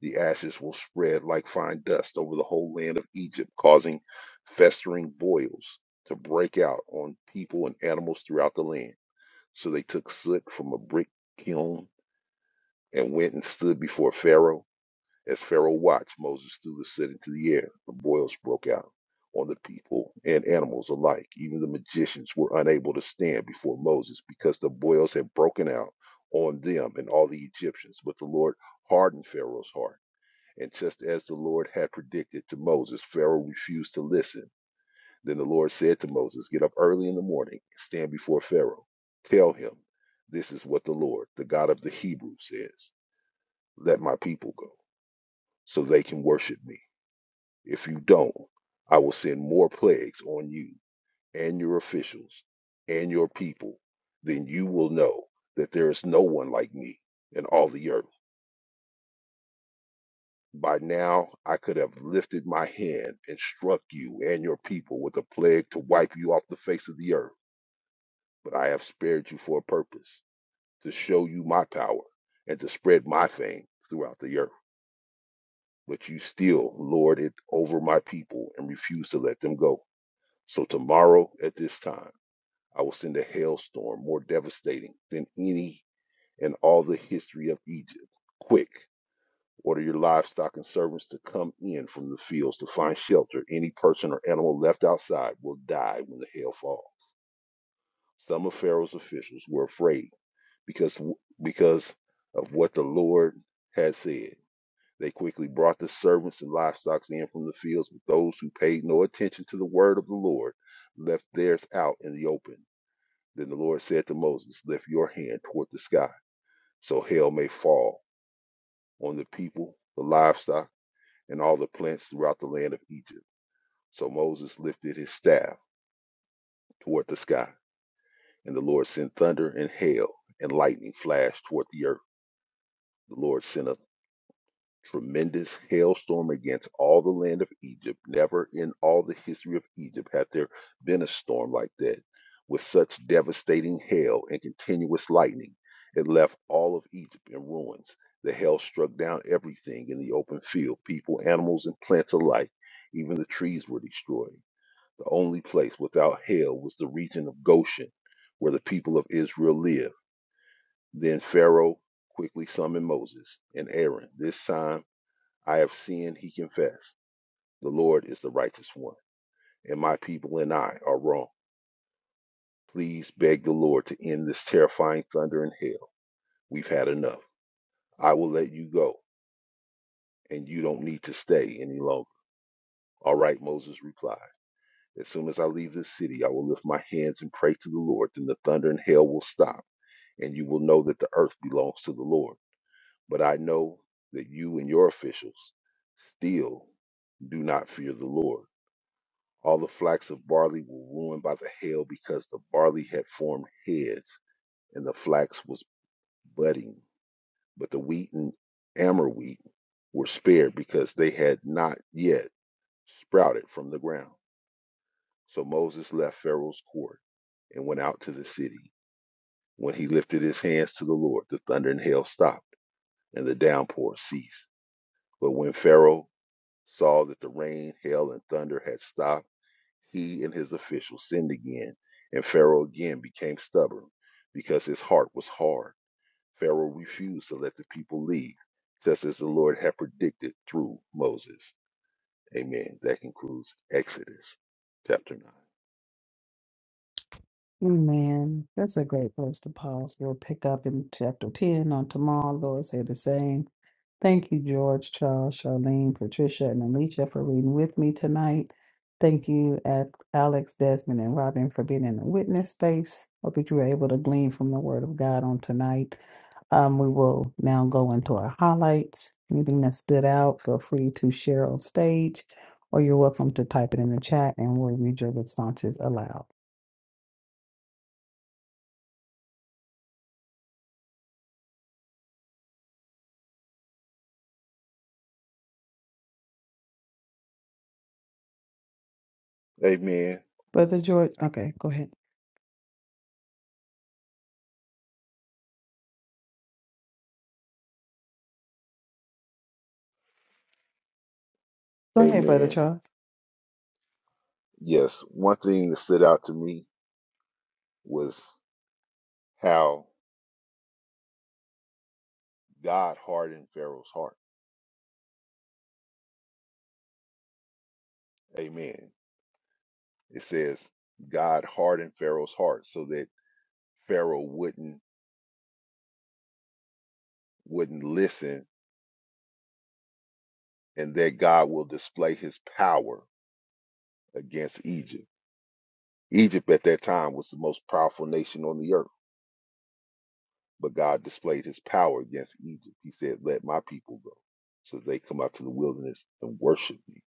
The ashes will spread like fine dust over the whole land of Egypt, causing festering boils to break out on people and animals throughout the land. So they took soot from a brick kiln and went and stood before Pharaoh. As Pharaoh watched Moses threw the set into the air, the boils broke out on the people and animals alike. Even the magicians were unable to stand before Moses because the boils had broken out on them and all the Egyptians. But the Lord hardened Pharaoh's heart. And just as the Lord had predicted to Moses, Pharaoh refused to listen. Then the Lord said to Moses, Get up early in the morning and stand before Pharaoh. Tell him, This is what the Lord, the God of the Hebrews, says Let my people go, so they can worship me. If you don't, I will send more plagues on you and your officials and your people. Then you will know that there is no one like me in all the earth. By now, I could have lifted my hand and struck you and your people with a plague to wipe you off the face of the earth. But I have spared you for a purpose to show you my power and to spread my fame throughout the earth. But you still lord it over my people and refuse to let them go. So tomorrow at this time, I will send a hailstorm more devastating than any in all the history of Egypt. Quick, order your livestock and servants to come in from the fields to find shelter. Any person or animal left outside will die when the hail falls. Some of Pharaoh's officials were afraid because because of what the Lord had said. They quickly brought the servants and livestock in from the fields, but those who paid no attention to the word of the Lord left theirs out in the open. Then the Lord said to Moses, Lift your hand toward the sky, so hail may fall on the people, the livestock, and all the plants throughout the land of Egypt. So Moses lifted his staff toward the sky, and the Lord sent thunder and hail, and lightning flashed toward the earth. The Lord sent a tremendous hailstorm against all the land of Egypt. Never in all the history of Egypt had there been a storm like that, with such devastating hail and continuous lightning. It left all of Egypt in ruins. The hail struck down everything in the open field people, animals, and plants alike. Even the trees were destroyed. The only place without hail was the region of Goshen, where the people of Israel lived. Then Pharaoh quickly summoned Moses and Aaron. This time, I have sinned, he confessed. The Lord is the righteous one, and my people and I are wrong. Please beg the Lord to end this terrifying thunder and hail. We've had enough. I will let you go, and you don't need to stay any longer. All right, Moses replied. As soon as I leave this city, I will lift my hands and pray to the Lord. Then the thunder and hail will stop, and you will know that the earth belongs to the Lord. But I know that you and your officials still do not fear the Lord. All the flax of barley were ruined by the hail because the barley had formed heads and the flax was budding. But the wheat and amber wheat were spared because they had not yet sprouted from the ground. So Moses left Pharaoh's court and went out to the city. When he lifted his hands to the Lord, the thunder and hail stopped, and the downpour ceased. But when Pharaoh saw that the rain, hail, and thunder had stopped, He and his officials sinned again, and Pharaoh again became stubborn because his heart was hard. Pharaoh refused to let the people leave, just as the Lord had predicted through Moses. Amen. That concludes Exodus chapter Amen. That's a great place to pause. We'll pick up in chapter 10 on tomorrow. Lord, say the same. Thank you, George, Charles, Charlene, Patricia, and Alicia for reading with me tonight. Thank you, Ac- Alex, Desmond, and Robin for being in the witness space. Hope that you were able to glean from the Word of God on tonight. Um, we will now go into our highlights. Anything that stood out, feel free to share on stage, or you're welcome to type it in the chat, and we'll read your responses aloud. 9. Amen. Brother George, okay, go ahead. Go ahead, Brother Amen. Charles. Yes, one thing that stood out to me was how God hardened Pharaoh's heart. Amen. It says God hardened Pharaoh's heart so that Pharaoh wouldn't wouldn't listen and that God will display his power against Egypt. Egypt at that time was the most powerful nation on the earth, but God displayed his power against Egypt. He said, Let my people go so they come out to the wilderness and worship me.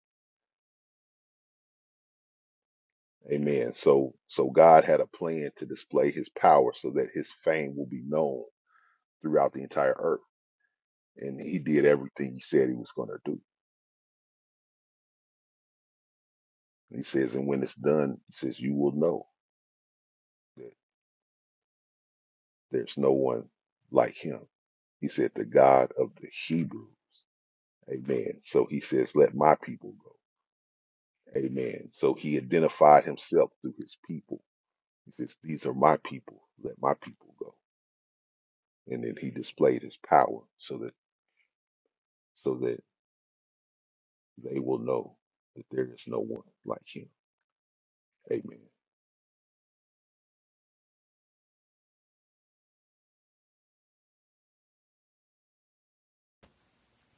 Amen. So so God had a plan to display his power so that his fame will be known throughout the entire earth. And he did everything he said he was going to do. And He says, and when it's done, he says, you will know that there's no one like him. He said, the God of the Hebrew. Amen. So he says, let my people go. Amen. So he identified himself through his people. He says, these are my people. Let my people go. And then he displayed his power so that so that they will know that there is no one like him. Amen.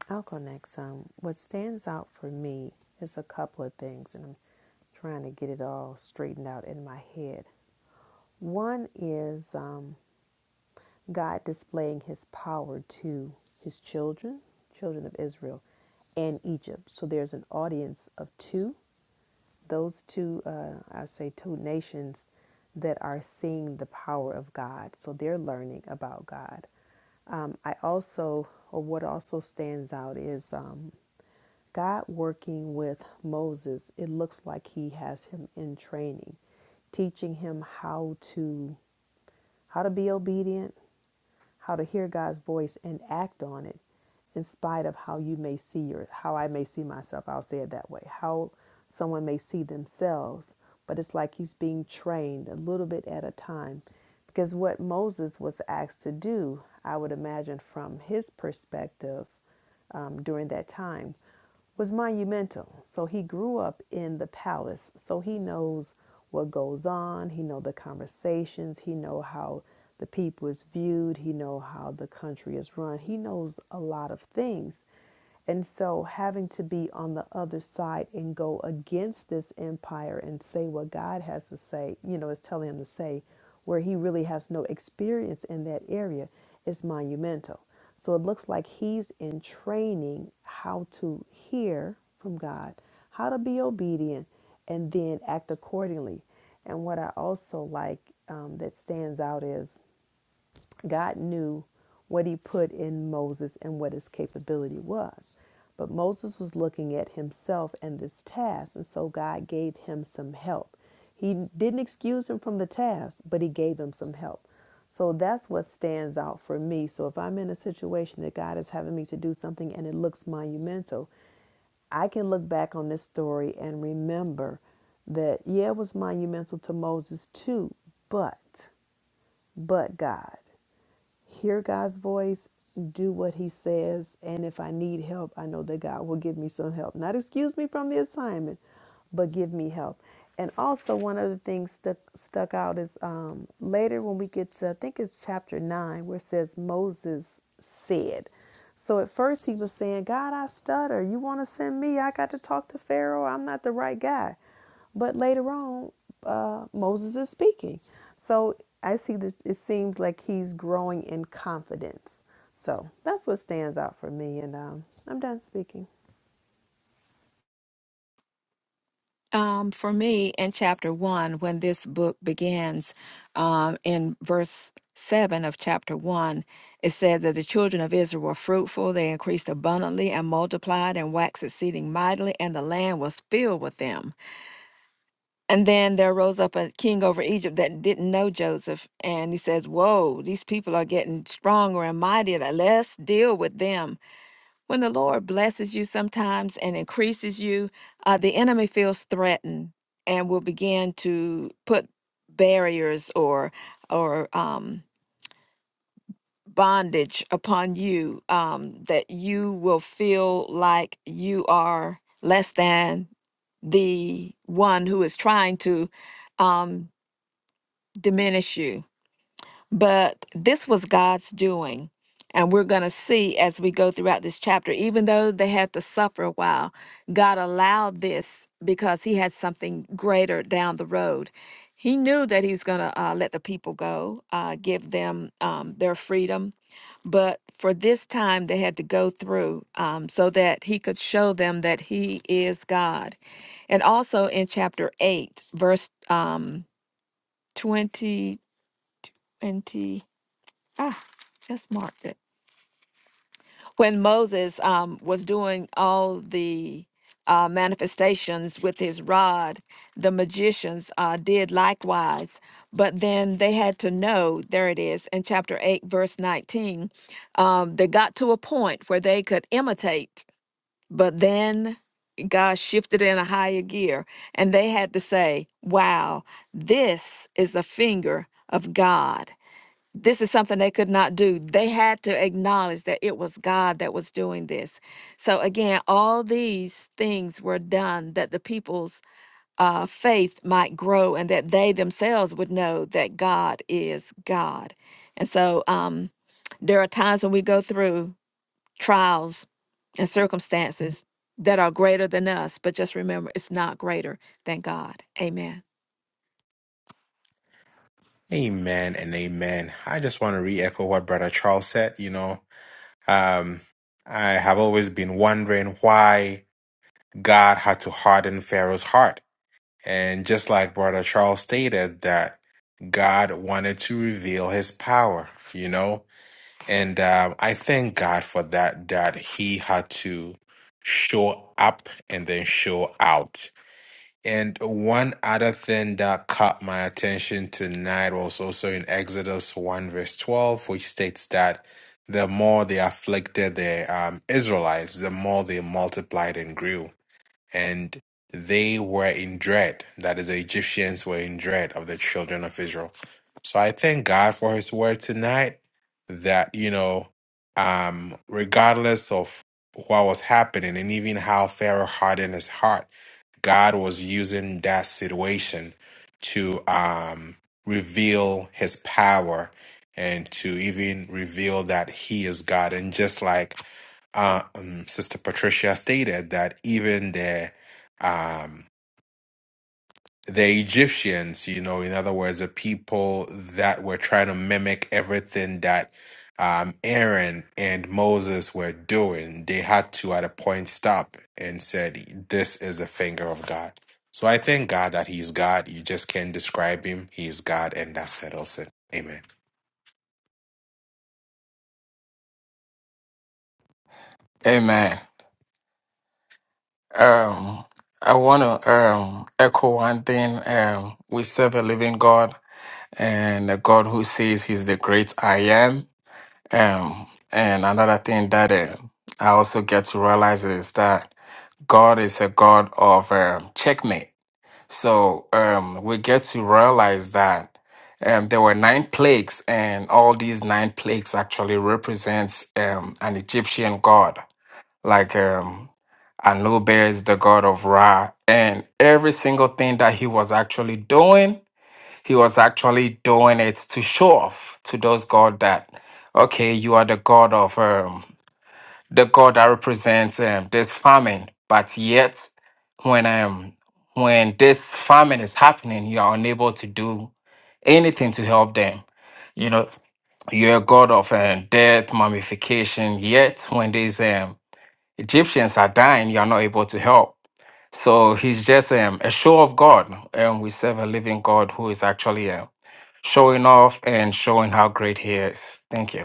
I'll go next. Um, what stands out for me is a couple of things, and I'm trying to get it all straightened out in my head. One is um, God displaying his power to his children, children of Israel, and Egypt. So there's an audience of two those two, uh, I say two nations that are seeing the power of God. So they're learning about God. Um, I also, or what also stands out is um, God working with Moses. It looks like he has him in training, teaching him how to how to be obedient, how to hear God's voice and act on it in spite of how you may see your how I may see myself. I'll say it that way. How someone may see themselves, but it's like he's being trained a little bit at a time. Because what Moses was asked to do, I would imagine from his perspective, um, during that time was monumental. So he grew up in the palace, so he knows what goes on. He know the conversations. He know how the people is viewed. He know how the country is run. He knows a lot of things, and so, having to be on the other side and go against this empire and say what God has to say, you know, is telling him to say, where he really has no experience in that area, is monumental. So, it looks like he's in training how to hear from God, how to be obedient, and then act accordingly. And what I also like um, that stands out is God knew what he put in Moses and what his capability was. But Moses was looking at himself and this task, and so God gave him some help. He didn't excuse him from the task, but he gave him some help. So that's what stands out for me. So if I'm in a situation that God is having me to do something and it looks monumental, I can look back on this story and remember that, yeah, it was monumental to Moses too, but, but God hear God's voice, do what He says, and if I need help, I know that God will give me some help. Not excuse me from the assignment, but give me help. And also, one other thing stuck stuck out is um, later when we get to I think it's chapter nine where it says Moses said. So at first he was saying, God, I stutter. You want to send me? I got to talk to Pharaoh. I'm not the right guy. But later on, uh, Moses is speaking. So I see that it seems like he's growing in confidence. So that's what stands out for me. And um, I'm done speaking. Um, for me, in chapter one, when this book begins, um, in verse seven of chapter one, it says that the children of Israel were fruitful, they increased abundantly and multiplied and waxed exceeding mightily, and the land was filled with them. And then there rose up a king over Egypt that didn't know Joseph, and he says, Whoa, these people are getting stronger and mightier, let's deal with them. When the Lord blesses you sometimes and increases you, uh, the enemy feels threatened and will begin to put barriers or or um, bondage upon you um, that you will feel like you are less than the one who is trying to um, diminish you but this was God's doing. And we're going to see as we go throughout this chapter, even though they had to suffer a while, God allowed this because He had something greater down the road. He knew that He was going to uh, let the people go, uh, give them um, their freedom. But for this time, they had to go through um, so that He could show them that He is God. And also in chapter 8, verse um, 20, twenty Ah, just marked it. When Moses um, was doing all the uh, manifestations with his rod, the magicians uh, did likewise. But then they had to know, there it is in chapter 8, verse 19. Um, they got to a point where they could imitate, but then God shifted in a higher gear and they had to say, wow, this is the finger of God this is something they could not do. They had to acknowledge that it was God that was doing this. So, again, all these things were done that the people's uh, faith might grow and that they themselves would know that God is God. And so, um, there are times when we go through trials and circumstances that are greater than us, but just remember it's not greater than God. Amen. Amen and amen. I just want to re echo what Brother Charles said. You know, um, I have always been wondering why God had to harden Pharaoh's heart. And just like Brother Charles stated, that God wanted to reveal his power, you know? And um, I thank God for that, that he had to show up and then show out And one other thing that caught my attention tonight was also in Exodus 1, verse 12, which states that the more they afflicted the um, Israelites, the more they multiplied and grew. And they were in dread. That is, the Egyptians were in dread of the children of Israel. So I thank God for his word tonight that, you know, um, regardless of what was happening and even how Pharaoh hardened his heart God was using that situation to um, reveal his power and to even reveal that he is God. And just like uh, um, Sister Patricia stated, that even the um, the Egyptians, you know, in other words, the people that were trying to mimic everything that um, Aaron and Moses were doing, they had to at a point stop and said, "This is the finger of God." So I thank God that He's God. You just can't describe Him. He's God, and that settles it. Amen. Amen. Um, I want to um, echo one thing. Um, we serve a living God and a God who says He's the great I am. Um, and another thing that uh, I also get to realize is that God is a God of um, checkmate. So um, we get to realize that um, there were nine plagues, and all these nine plagues actually represents um, an Egyptian god. Like um Anubis is the god of Ra, and every single thing that he was actually doing, he was actually doing it to show off to those god that, okay, you are the god of um, the god that represents um, this famine, but yet when um when this famine is happening, you are unable to do anything to help them. You know, you're a god of um, death, mummification. Yet when this Egyptians are dying, you are not able to help. So he's just um, a show of God. And we serve a living God who is actually uh, showing off and showing how great he is. Thank you.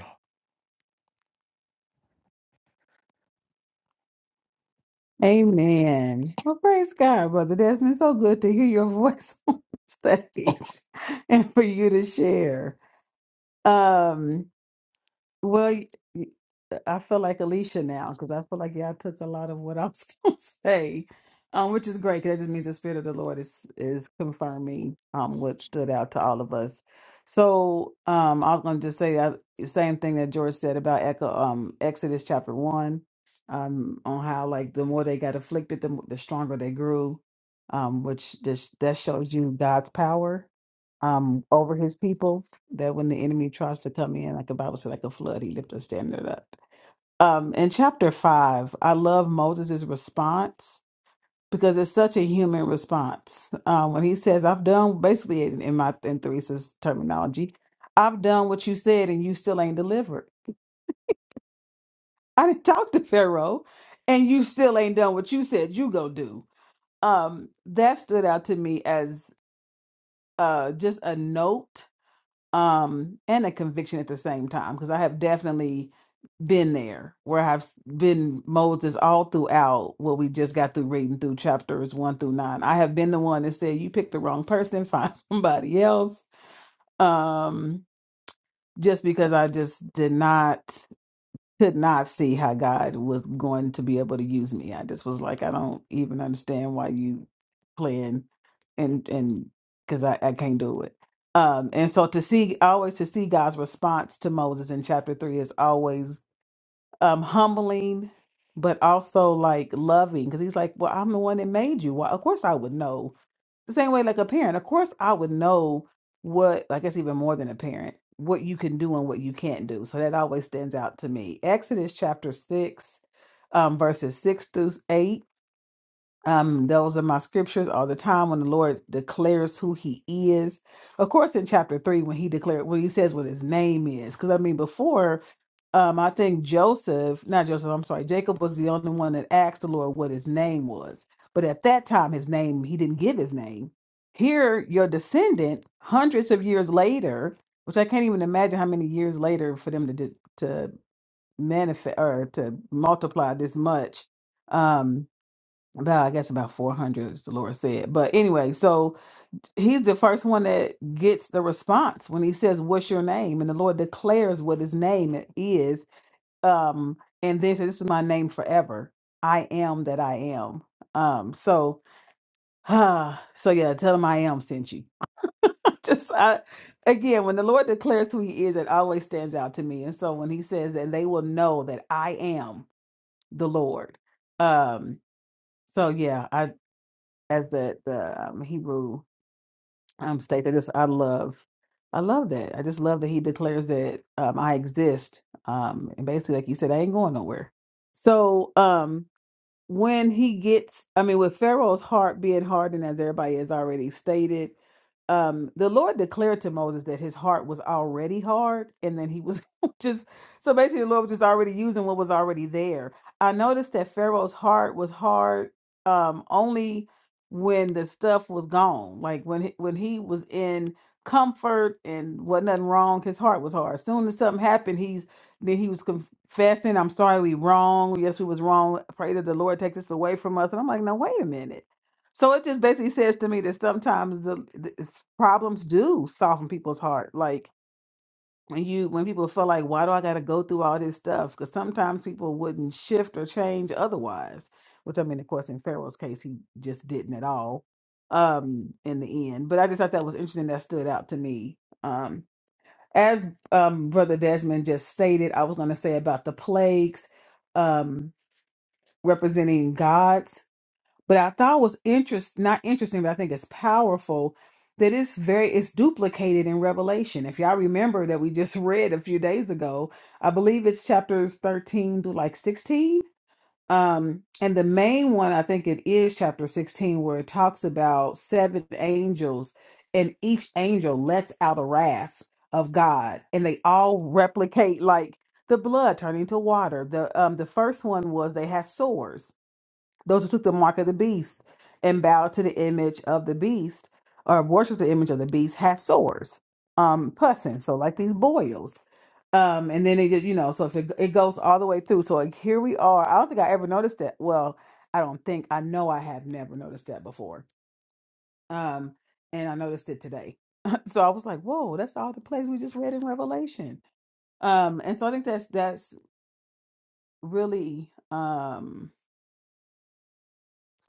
Amen. Well, praise God, Brother Desmond. So good to hear your voice on stage and for you to share. Um, Well, y- y- uh, I feel like Alicia now because I feel like y'all took a lot of what I was going to say, um, which is great because that just means the Spirit of the Lord is is confirming um what stood out to all of us. So um, I was going to just say uh, the same thing that George said about Echo, um, Exodus chapter one, um, on how like the more they got afflicted, the, m- the stronger they grew, um, which this, that shows you God's power um, over His people that when the enemy tries to come in, like the Bible said, like a flood, he lifted a standard up. Um, in chapter five, I love Moses' response because it's such a human response. Um, when he says, "I've done," basically in in my in Theresa's terminology, "I've done what you said, and you still ain't delivered. I didn't talk to Pharaoh, and you still ain't done what you said you go do." Um, that stood out to me as uh, just a note um, and a conviction at the same time because I have definitely been there where I've been Moses all throughout what we just got through reading through chapters one through nine. I have been the one that said, You picked the wrong person, find somebody else. Um, just because I just did not could not see how God was going to be able to use me. I just was like, I don't even understand why you playing and and because I, I can't do it. Um, and so to see always to see God's response to Moses in chapter three is always um, humbling, but also like loving. Because he's like, well, I'm the one that made you. Well, of course I would know. The same way, like a parent, of course I would know what. I guess even more than a parent, what you can do and what you can't do. So that always stands out to me. Exodus chapter six, um, verses six through eight. Um, those are my scriptures all the time when the Lord declares who He is. Of course, in chapter three, when He declared, when He says what His name is, because I mean, before, um, I think Joseph, not Joseph, I'm sorry, Jacob was the only one that asked the Lord what His name was. But at that time, His name He didn't give His name. Here, your descendant, hundreds of years later, which I can't even imagine how many years later for them to do- to manifest or to multiply this much. Um, about I guess about 400 as the Lord said. But anyway, so he's the first one that gets the response when he says, "What's your name?" and the Lord declares what his name is. Um, and then says, "This is my name forever. I am that I am." Um, so, ah, so yeah, tell him I am sent you. Just I, again, when the Lord declares who He is, it always stands out to me. And so when He says, "And they will know that I am the Lord," um, so yeah, as the the um, Hebrew um, state. I just I love, I love that. I just love that he declares that um, I exist. Um, and basically, like you said, I ain't going nowhere. So um, when he gets i mean with pharaoh's heart being hardened as everybody has already stated um the lord declared to moses that his heart was already hard and then he was just so basically the lord was just already using what was already there i noticed that pharaoh's heart was hard um only when the stuff was gone like when he, when he was in comfort and wasn't nothing wrong his heart was hard as soon as something happened he's then he was confessing, I'm sorry we wrong. Yes, we was wrong. Pray that the Lord take this away from us. And I'm like, no, wait a minute. So it just basically says to me that sometimes the, the it's- problems do soften people's heart. Like when you when people feel like, why do I gotta go through all this stuff? Because sometimes people wouldn't shift or change otherwise. Which I mean, of course, in Pharaoh's case, he just didn't at all um in the end. But I just thought that was interesting that stood out to me. Um as um, Brother Desmond just stated, I was going to say about the plagues um, representing gods, but I thought was interest not interesting, but I think it's powerful that it's very it's duplicated in Revelation. If y'all remember that we just read a few days ago, I believe it's chapters thirteen to like sixteen um, and the main one, I think it is chapter 16, where it talks about seven angels, and each angel lets out a wrath of God, and they all replicate like the blood turning to water. The um the first one was they had swords, those who took the mark of the beast and bowed to the image of the beast or worshiped the image of the beast had sores, um, pussing, so like these boils. Um, and then it just, you know, so if it, it goes all the way through. So like, here we are. I don't think I ever noticed that. Well, I don't think I know I have never noticed that before. Um, and I noticed it today. so I was like, whoa, that's all the plays we just read in Revelation. Um, and so I think that's that's really um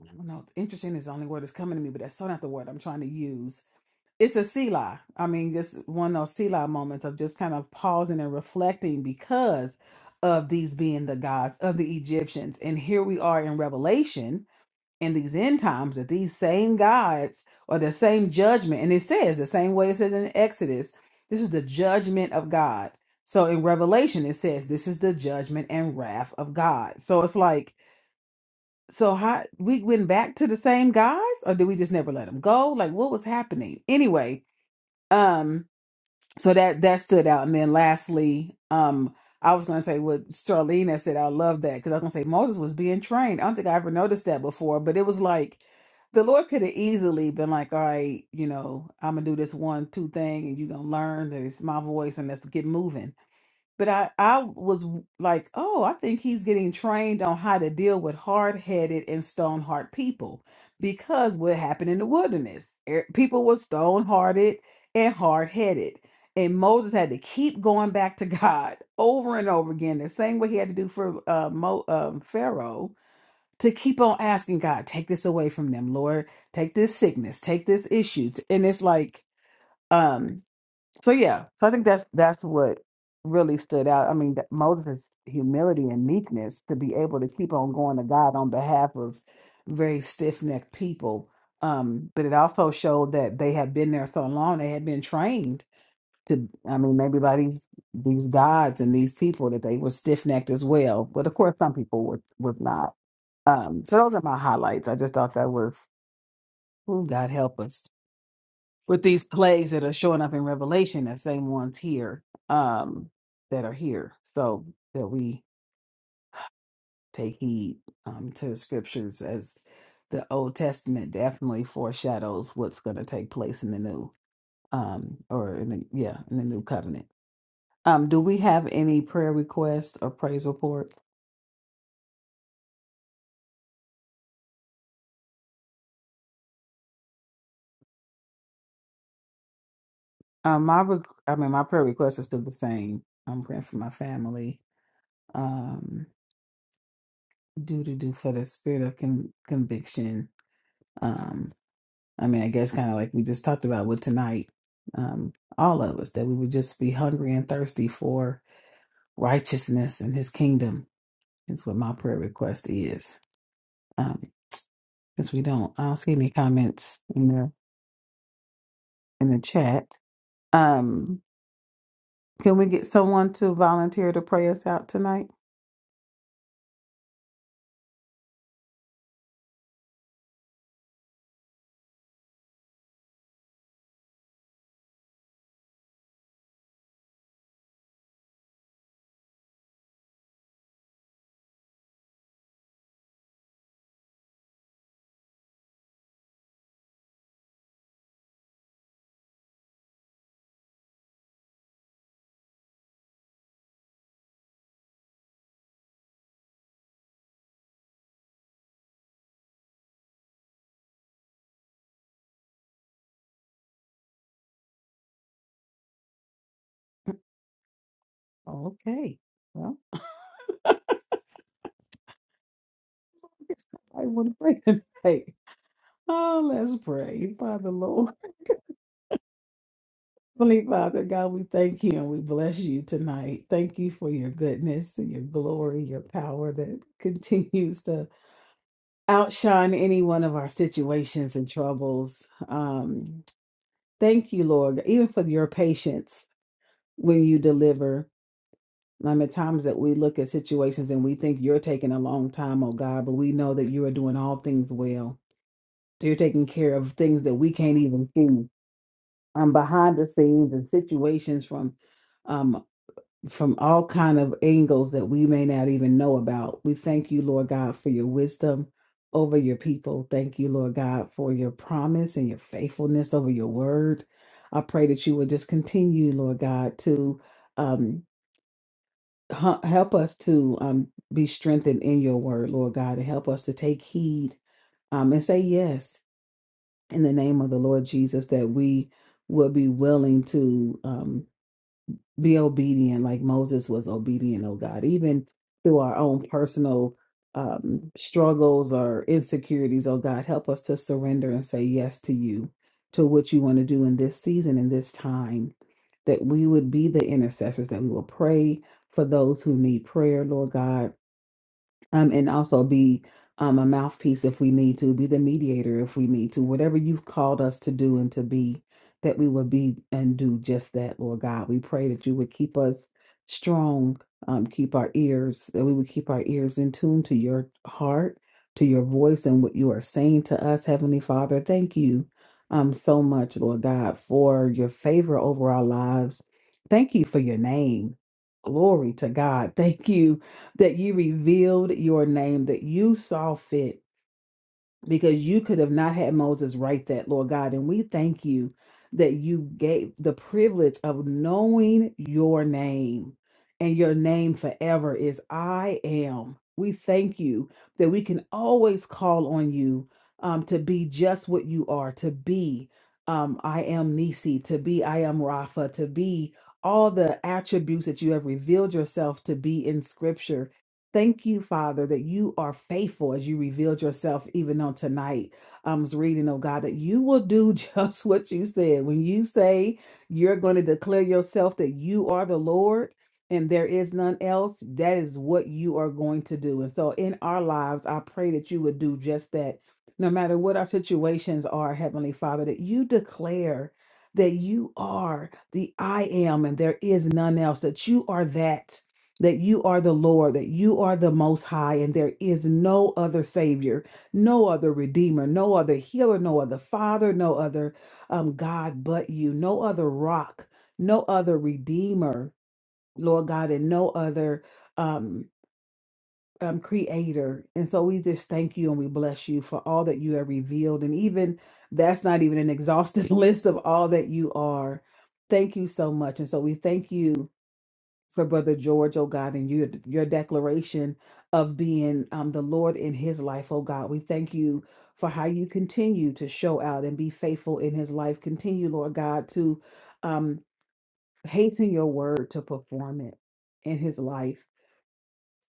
I don't know, interesting is the only word that's coming to me, but that's so not the word I'm trying to use it's a Selah. I mean, just one of those Selah moments of just kind of pausing and reflecting because of these being the gods of the Egyptians. And here we are in Revelation in these end times that these same gods or the same judgment, and it says the same way it says in Exodus, this is the judgment of God. So in Revelation, it says this is the judgment and wrath of God. So it's like, so how we went back to the same gods, or did we just never let them go? Like, what was happening anyway? Um, so that that stood out. And then lastly, um, I was gonna say what Charlene said. I love that because I was gonna say Moses was being trained. I don't think I ever noticed that before, but it was like the Lord could have easily been like, "All right, you know, I'm gonna do this one two thing, and you're gonna learn that it's my voice, and let's get moving." But I, I was like, oh, I think he's getting trained on how to deal with hard headed and stone hard people because what happened in the wilderness, er, people were stone hearted and hard headed. And Moses had to keep going back to God over and over again, the same way he had to do for uh, Mo, um, Pharaoh to keep on asking God, take this away from them, Lord, take this sickness, take this issue. And it's like, um, so yeah, so I think that's that's what really stood out. I mean, that Moses' humility and meekness to be able to keep on going to God on behalf of very stiff-necked people. Um, but it also showed that they had been there so long, they had been trained to, I mean, maybe by these these gods and these people that they were stiff-necked as well. But of course, some people were was not. Um, so those are my highlights. I just thought that was, oh, God help us with these plagues that are showing up in Revelation, the same ones here um, that are here. So that we take heed um, to the scriptures as the Old Testament definitely foreshadows what's going to take place in the new, um, or in the, yeah, in the new covenant. Um, do we have any prayer requests or praise reports? Um, my, re- I mean, my prayer request is still the same. I'm praying for my family. Um, do to do for the spirit of con- conviction. Um, I mean, I guess kind of like we just talked about with tonight, um, all of us, that we would just be hungry and thirsty for righteousness and his kingdom is what my prayer request is. Um, because we don't, I don't see any comments in the in the chat. Um, can we get someone to volunteer to pray us out tonight? Okay. Well, I guess I want to pray tonight. Oh, let's pray, Father Lord. Heavenly Father, God, we thank you and we bless you tonight. Thank you for your goodness and your glory, your power that continues to outshine any one of our situations and troubles. Um, thank you, Lord, even for your patience when you deliver. I mean, times that we look at situations and we think you're taking a long time, oh God, but we know that you are doing all things well. So You're taking care of things that we can't even see. Um, behind the scenes and situations from um, from all kind of angles that we may not even know about. We thank you, Lord God, for your wisdom over your people. Thank you, Lord God, for your promise and your faithfulness over your word. I pray that you will just continue, Lord God, to um, h- help us to um, be strengthened in your word, Lord God, and help us to take heed um, and say yes in the name of the Lord Jesus that we will be willing to. um, be obedient like Moses was obedient, oh God, even through our own personal um, struggles or insecurities, oh God, help us to surrender and say yes to you, to what you want to do in this season, in this time, that we would be the intercessors, that we will pray for those who need prayer, Lord God um, and also be um, a mouthpiece if we need to, be the mediator if we need to, whatever you've called us to do and to be, that we will be and do just that, Lord God. We pray that you would keep us strong, um, keep our ears, that we would keep our ears in tune to your heart, to your voice, and what you are saying to us, Heavenly Father. Thank you um, so much, Lord God, for your favor over our lives. Thank you for your name. Glory to God. Thank you that you revealed your name, that you saw fit, because you could have not had Moses write that, Lord God. And we thank you that you gave the privilege of knowing your name, and your name forever is I am. We thank you that we can always call on you um, to be just what you are, to be um, I am Nisi, to be I am Rafa, to be all the attributes that you have revealed yourself to be in Scripture Thank you, Father, that you are faithful as you revealed yourself even on tonight. I was reading, oh God, that you will do just what you said. When you say you're going to declare yourself that you are the Lord and there is none else, that is what you are going to do. And so in our lives, I pray that you would do just that. No matter what our situations are, Heavenly Father, that you declare that you are the I am and there is none else, that you are that that you are the Lord, that you are the Most High, and there is no other Savior, no other Redeemer, no other Healer, no other Father, no other um, God but you, no other Rock, no other Redeemer, Lord God, and no other um, um, Creator. And so we just thank you and we bless you for all that you have revealed. And even that's not even an exhaustive list of all that you are. Thank you so much. And so we thank you for Brother George, oh God, and your your declaration of being um, the Lord in his life, oh God. We thank you for how you continue to show out and be faithful in his life. Continue, Lord God, to um, hasten your word to perform it in his life.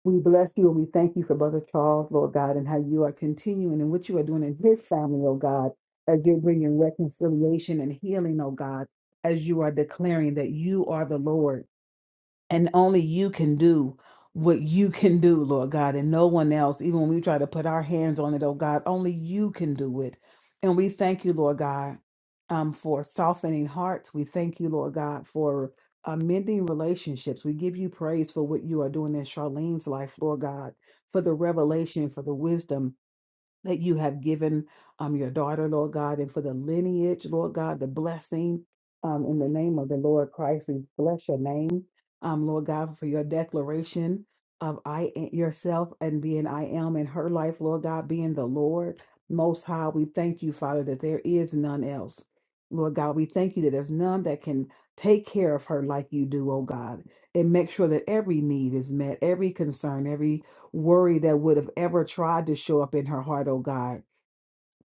We bless you and we thank you for Brother Charles, Lord God, and how you are continuing and what you are doing in his family, oh God, as you're bringing reconciliation and healing, oh God, as you are declaring that you are the Lord and only you can do what you can do, Lord God, and no one else, even when we try to put our hands on it, oh God, only you can do it. And we thank you, Lord God, um, for softening hearts. We thank you, Lord God, for amending relationships. We give you praise for what you are doing in Charlene's life, Lord God, for the revelation, for the wisdom that you have given um, your daughter, Lord God, and for the lineage, Lord God, the blessing um, in the name of the Lord Christ. We bless your name, um, Lord God, for your declaration of I am yourself and being I am in her life, Lord God, being the Lord Most High. We thank you, Father, that there is none else. Lord God, we thank you that there's none that can take care of her like you do, oh God, and make sure that every need is met, every concern, every worry that would have ever tried to show up in her heart, oh God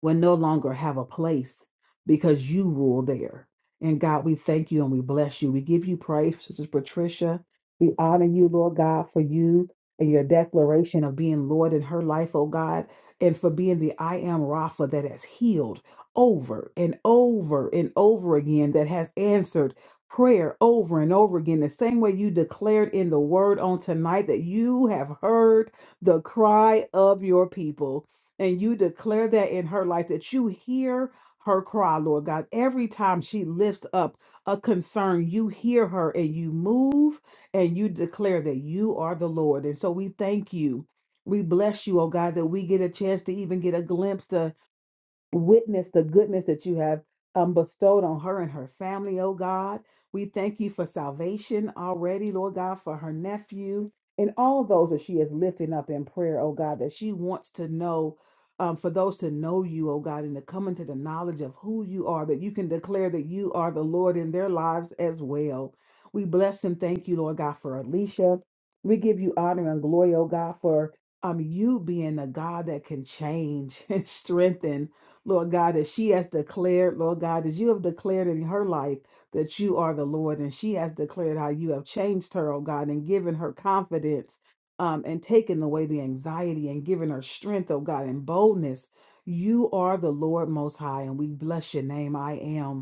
will no longer have a place because you rule there. And God, we thank you and we bless you. We give you praise, Sister Patricia. We honor you, Lord God, for you and your declaration of being Lord in her life, oh God, and for being the I am Rafa that has healed over and over and over again, that has answered prayer over and over again, the same way you declared in the word on tonight that you have heard the cry of your people. And you declare that in her life that you hear her cry, Lord God. Every time she lifts up a concern, you hear her and you move and you declare that you are the Lord. And so we thank you. We bless you, oh God, that we get a chance to even get a glimpse witness the goodness that you have um, bestowed on her and her family, oh God. We thank you for salvation already, Lord God, for her nephew and all those that she is lifting up in prayer, oh God, that she wants to know. Um, for those to know you, oh God, and to come into the knowledge of who you are, that you can declare that you are the Lord in their lives as well. We bless and thank you, Lord God, for Alicia. We give you honor and glory, oh God, for um, you being a God that can change and strengthen Lord God, that she has declared, Lord God, that you have declared in her life that you are the Lord, and she has declared how you have changed her, oh God, and given her confidence um, and taken away the anxiety and given her strength, oh God, and boldness. You are the Lord Most High, and we bless your name. I am.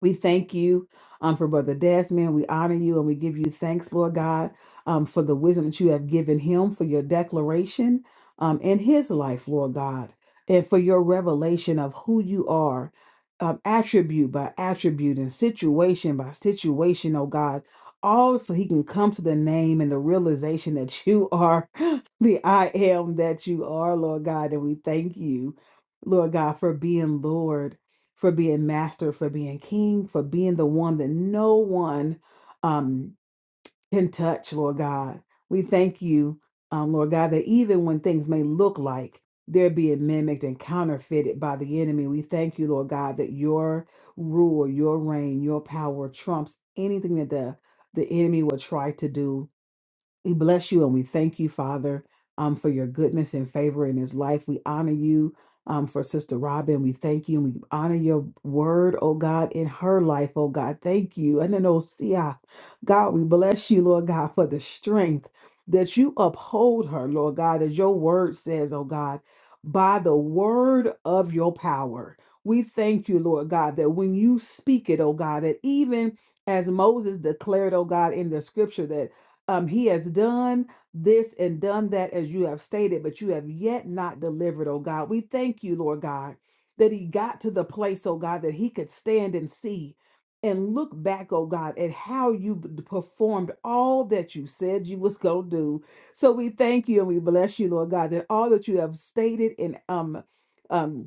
We thank you um, for Brother Desmond. We honor you and we give you thanks, Lord God, um, for the wisdom that you have given him, for your declaration um, in his life, Lord God, and for your revelation of who you are, um, attribute by attribute and situation by situation, oh God. All so he can come to the name and the realization that you are the I am that you are, Lord God. And we thank you, Lord God, for being Lord for being master, for being king, for being the one that no one um, can touch, Lord God. We thank you, um, Lord God, that even when things may look like they're being mimicked and counterfeited by the enemy, we thank you, Lord God, that your rule, your reign, your power trumps anything that the, the enemy will try to do. We bless you and we thank you, Father, um, for your goodness and favor in his life. We honor you um, for Sister Robin. We thank you and we honor your word, oh God, in her life, oh God. Thank you. And then, oh, see, ah, God, we bless you, Lord God, for the strength that you uphold her, Lord God, as your word says, oh God, by the word of your power. We thank you, Lord God, that when you speak it, oh God, that even as Moses declared, oh God, in the scripture that um, he has done this and done that as you have stated, but you have yet not delivered, oh God. We thank you, Lord God, that he got to the place, oh God, that he could stand and see and look back, oh God, at how you b- performed all that you said you was going to do. So we thank you and we bless you, Lord God, that all that you have stated and um, um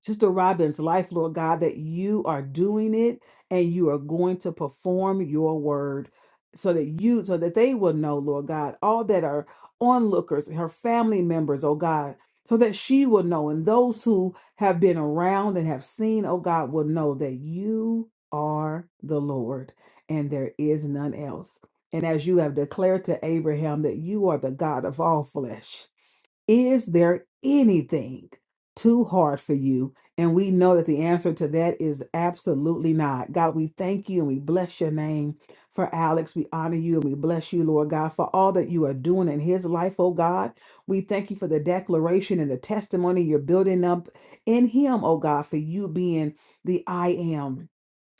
Sister Robin's life, Lord God, that you are doing it and you are going to perform your word so that you, so that they will know, Lord God, all that are onlookers, her family members, oh God, so that she will know and those who have been around and have seen, oh God, will know that you are the Lord and there is none else. And as you have declared to Abraham that you are the God of all flesh is there anything too hard for you? And we know that the answer to that is absolutely not. God, we thank you and we bless your name for Alex. We honor you and we bless you, Lord God, for all that you are doing in his life, oh God. We thank you for the declaration and the testimony you're building up in him, oh God, for you being the I am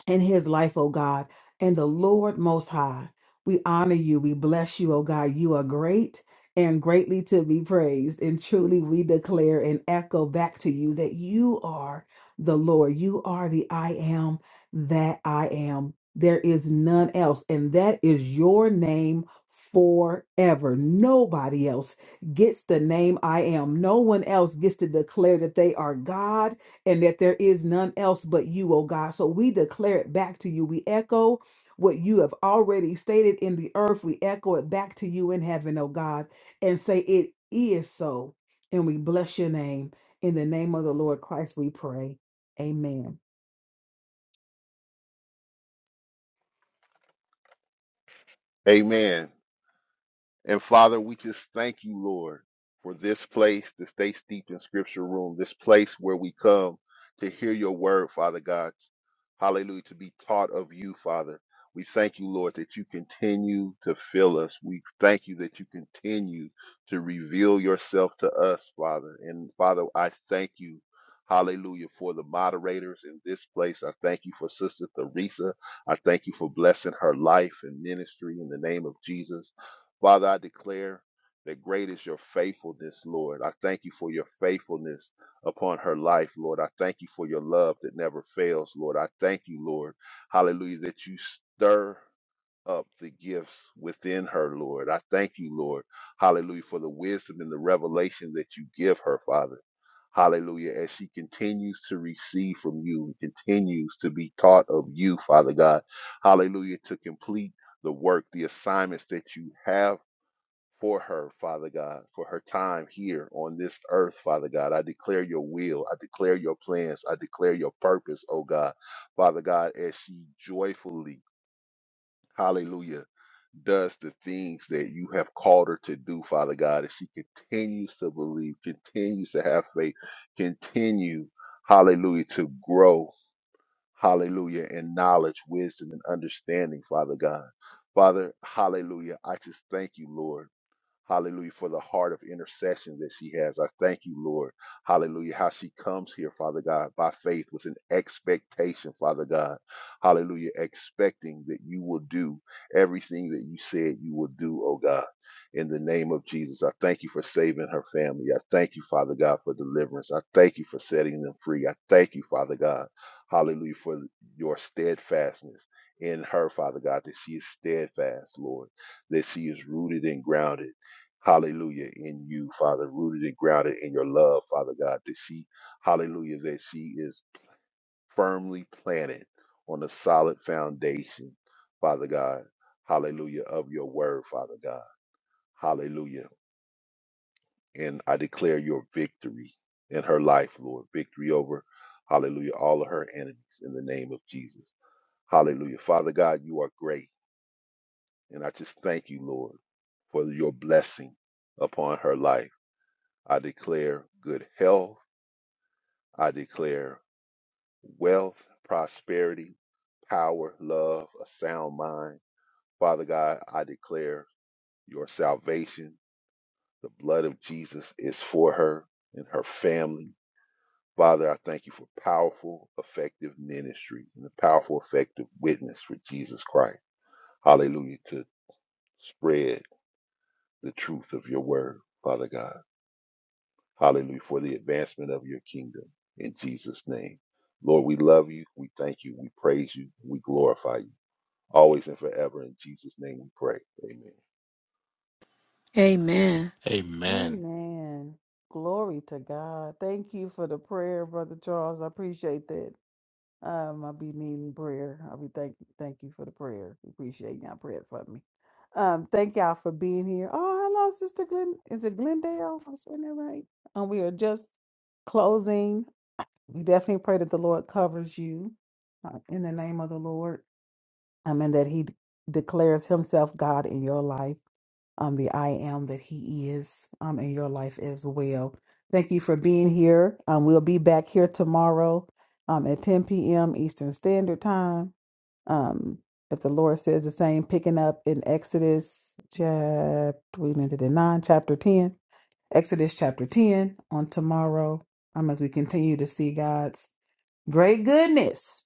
in his life, O God, and the Lord Most High. We honor you. We bless you, O God. You are great and greatly to be praised. And truly, we declare and echo back to you that you are the Lord. You are the I am that I am. There is none else. And that is your name forever. Nobody else gets the name I am. No one else gets to declare that they are God and that there is none else but you, O God. So we declare it back to you. We echo what you have already stated in the earth. We echo it back to you in heaven, O God, and say it is so. And we bless your name. In the name of the Lord Christ, we pray. Amen. Amen. And Father, we just thank you, Lord, for this place, the Stay Steeped in Scripture room, this place where we come to hear your word, Father God. Hallelujah, to be taught of you, Father. We thank you, Lord, that you continue to fill us. We thank you that you continue to reveal yourself to us, Father. And Father, I thank you, hallelujah, for the moderators in this place. I thank you for Sister Theresa. I thank you for blessing her life and ministry in the name of Jesus. Father, I declare that great is your faithfulness, Lord. I thank you for your faithfulness upon her life, Lord. I thank you for your love that never fails, Lord. I thank you, Lord. Hallelujah, that you stir up the gifts within her, Lord. I thank you, Lord. Hallelujah, for the wisdom and the revelation that you give her, Father. Hallelujah. As she continues to receive from you, continues to be taught of you, Father God. Hallelujah. To complete the work, the assignments that you have for her, Father God, for her time here on this earth, Father God. I declare your will. I declare your plans. I declare your purpose, oh God. Father God, as she joyfully, hallelujah, does the things that you have called her to do, Father God, as she continues to believe, continues to have faith, continue, hallelujah, to grow, hallelujah, in knowledge, wisdom, and understanding, Father God. Father, hallelujah. I just thank you, Lord. Hallelujah for the heart of intercession that she has. I thank you, Lord. Hallelujah. How she comes here, Father God, by faith with an expectation, Father God. Hallelujah. Expecting that you will do everything that you said you will do, oh God. In the name of Jesus, I thank you for saving her family. I thank you, Father God, for deliverance. I thank you for setting them free. I thank you, Father God. Hallelujah for your steadfastness in her, Father God, that she is steadfast, Lord, that she is rooted and grounded hallelujah, in you, Father, rooted and grounded in your love, Father God, that she, hallelujah, that she is firmly planted on a solid foundation, Father God, hallelujah, of your word, Father God, hallelujah. And I declare your victory in her life, Lord, victory over, hallelujah, all of her enemies in the name of Jesus. Hallelujah. Father God, you are great. And I just thank you, Lord, for your blessing upon her life. I declare good health. I declare wealth, prosperity, power, love, a sound mind. Father God, I declare your salvation. The blood of Jesus is for her and her family. Father, I thank you for powerful, effective ministry and a powerful, effective witness for Jesus Christ. Hallelujah. To spread the truth of your word, Father God. Hallelujah. For the advancement of your kingdom in Jesus' name. Lord, we love you. We thank you. We praise you. We glorify you. Always and forever in Jesus' name we pray. Amen. Amen. Amen. Amen. Glory to God. Thank you for the prayer, Brother Charles. I appreciate that. Um, I'll be needing prayer. I'll be thank thank you for the prayer. Appreciate y'all praying for me. Um, thank y'all for being here. Oh, hello, Sister Glen. Is it Glendale? Am I saying that right? Um, we are just closing. We definitely pray that the Lord covers you uh, in the name of the Lord um, and that He d- declares Himself God in your life, um, the I am that He is um, in your life as well. Thank you for being here. Um, we'll be back here tomorrow um, at 10 p.m. Eastern Standard Time. Um, if the Lord says the same, picking up in Exodus chapter, we ended in 9, chapter 10, Exodus chapter 10 on tomorrow um, as we continue to see God's great goodness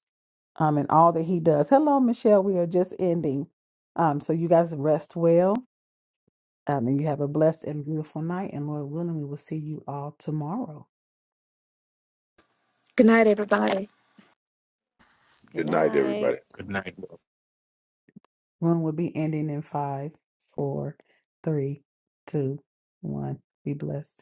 um, and all that he does. Hello, Michelle. We are just ending. Um, so you guys rest well. Um, and you have a blessed and beautiful night. And Lord willing, we will see you all tomorrow. Good night, everybody. Good Good night, everybody. night. Room will be ending in five, four, three, two, one. Be blessed.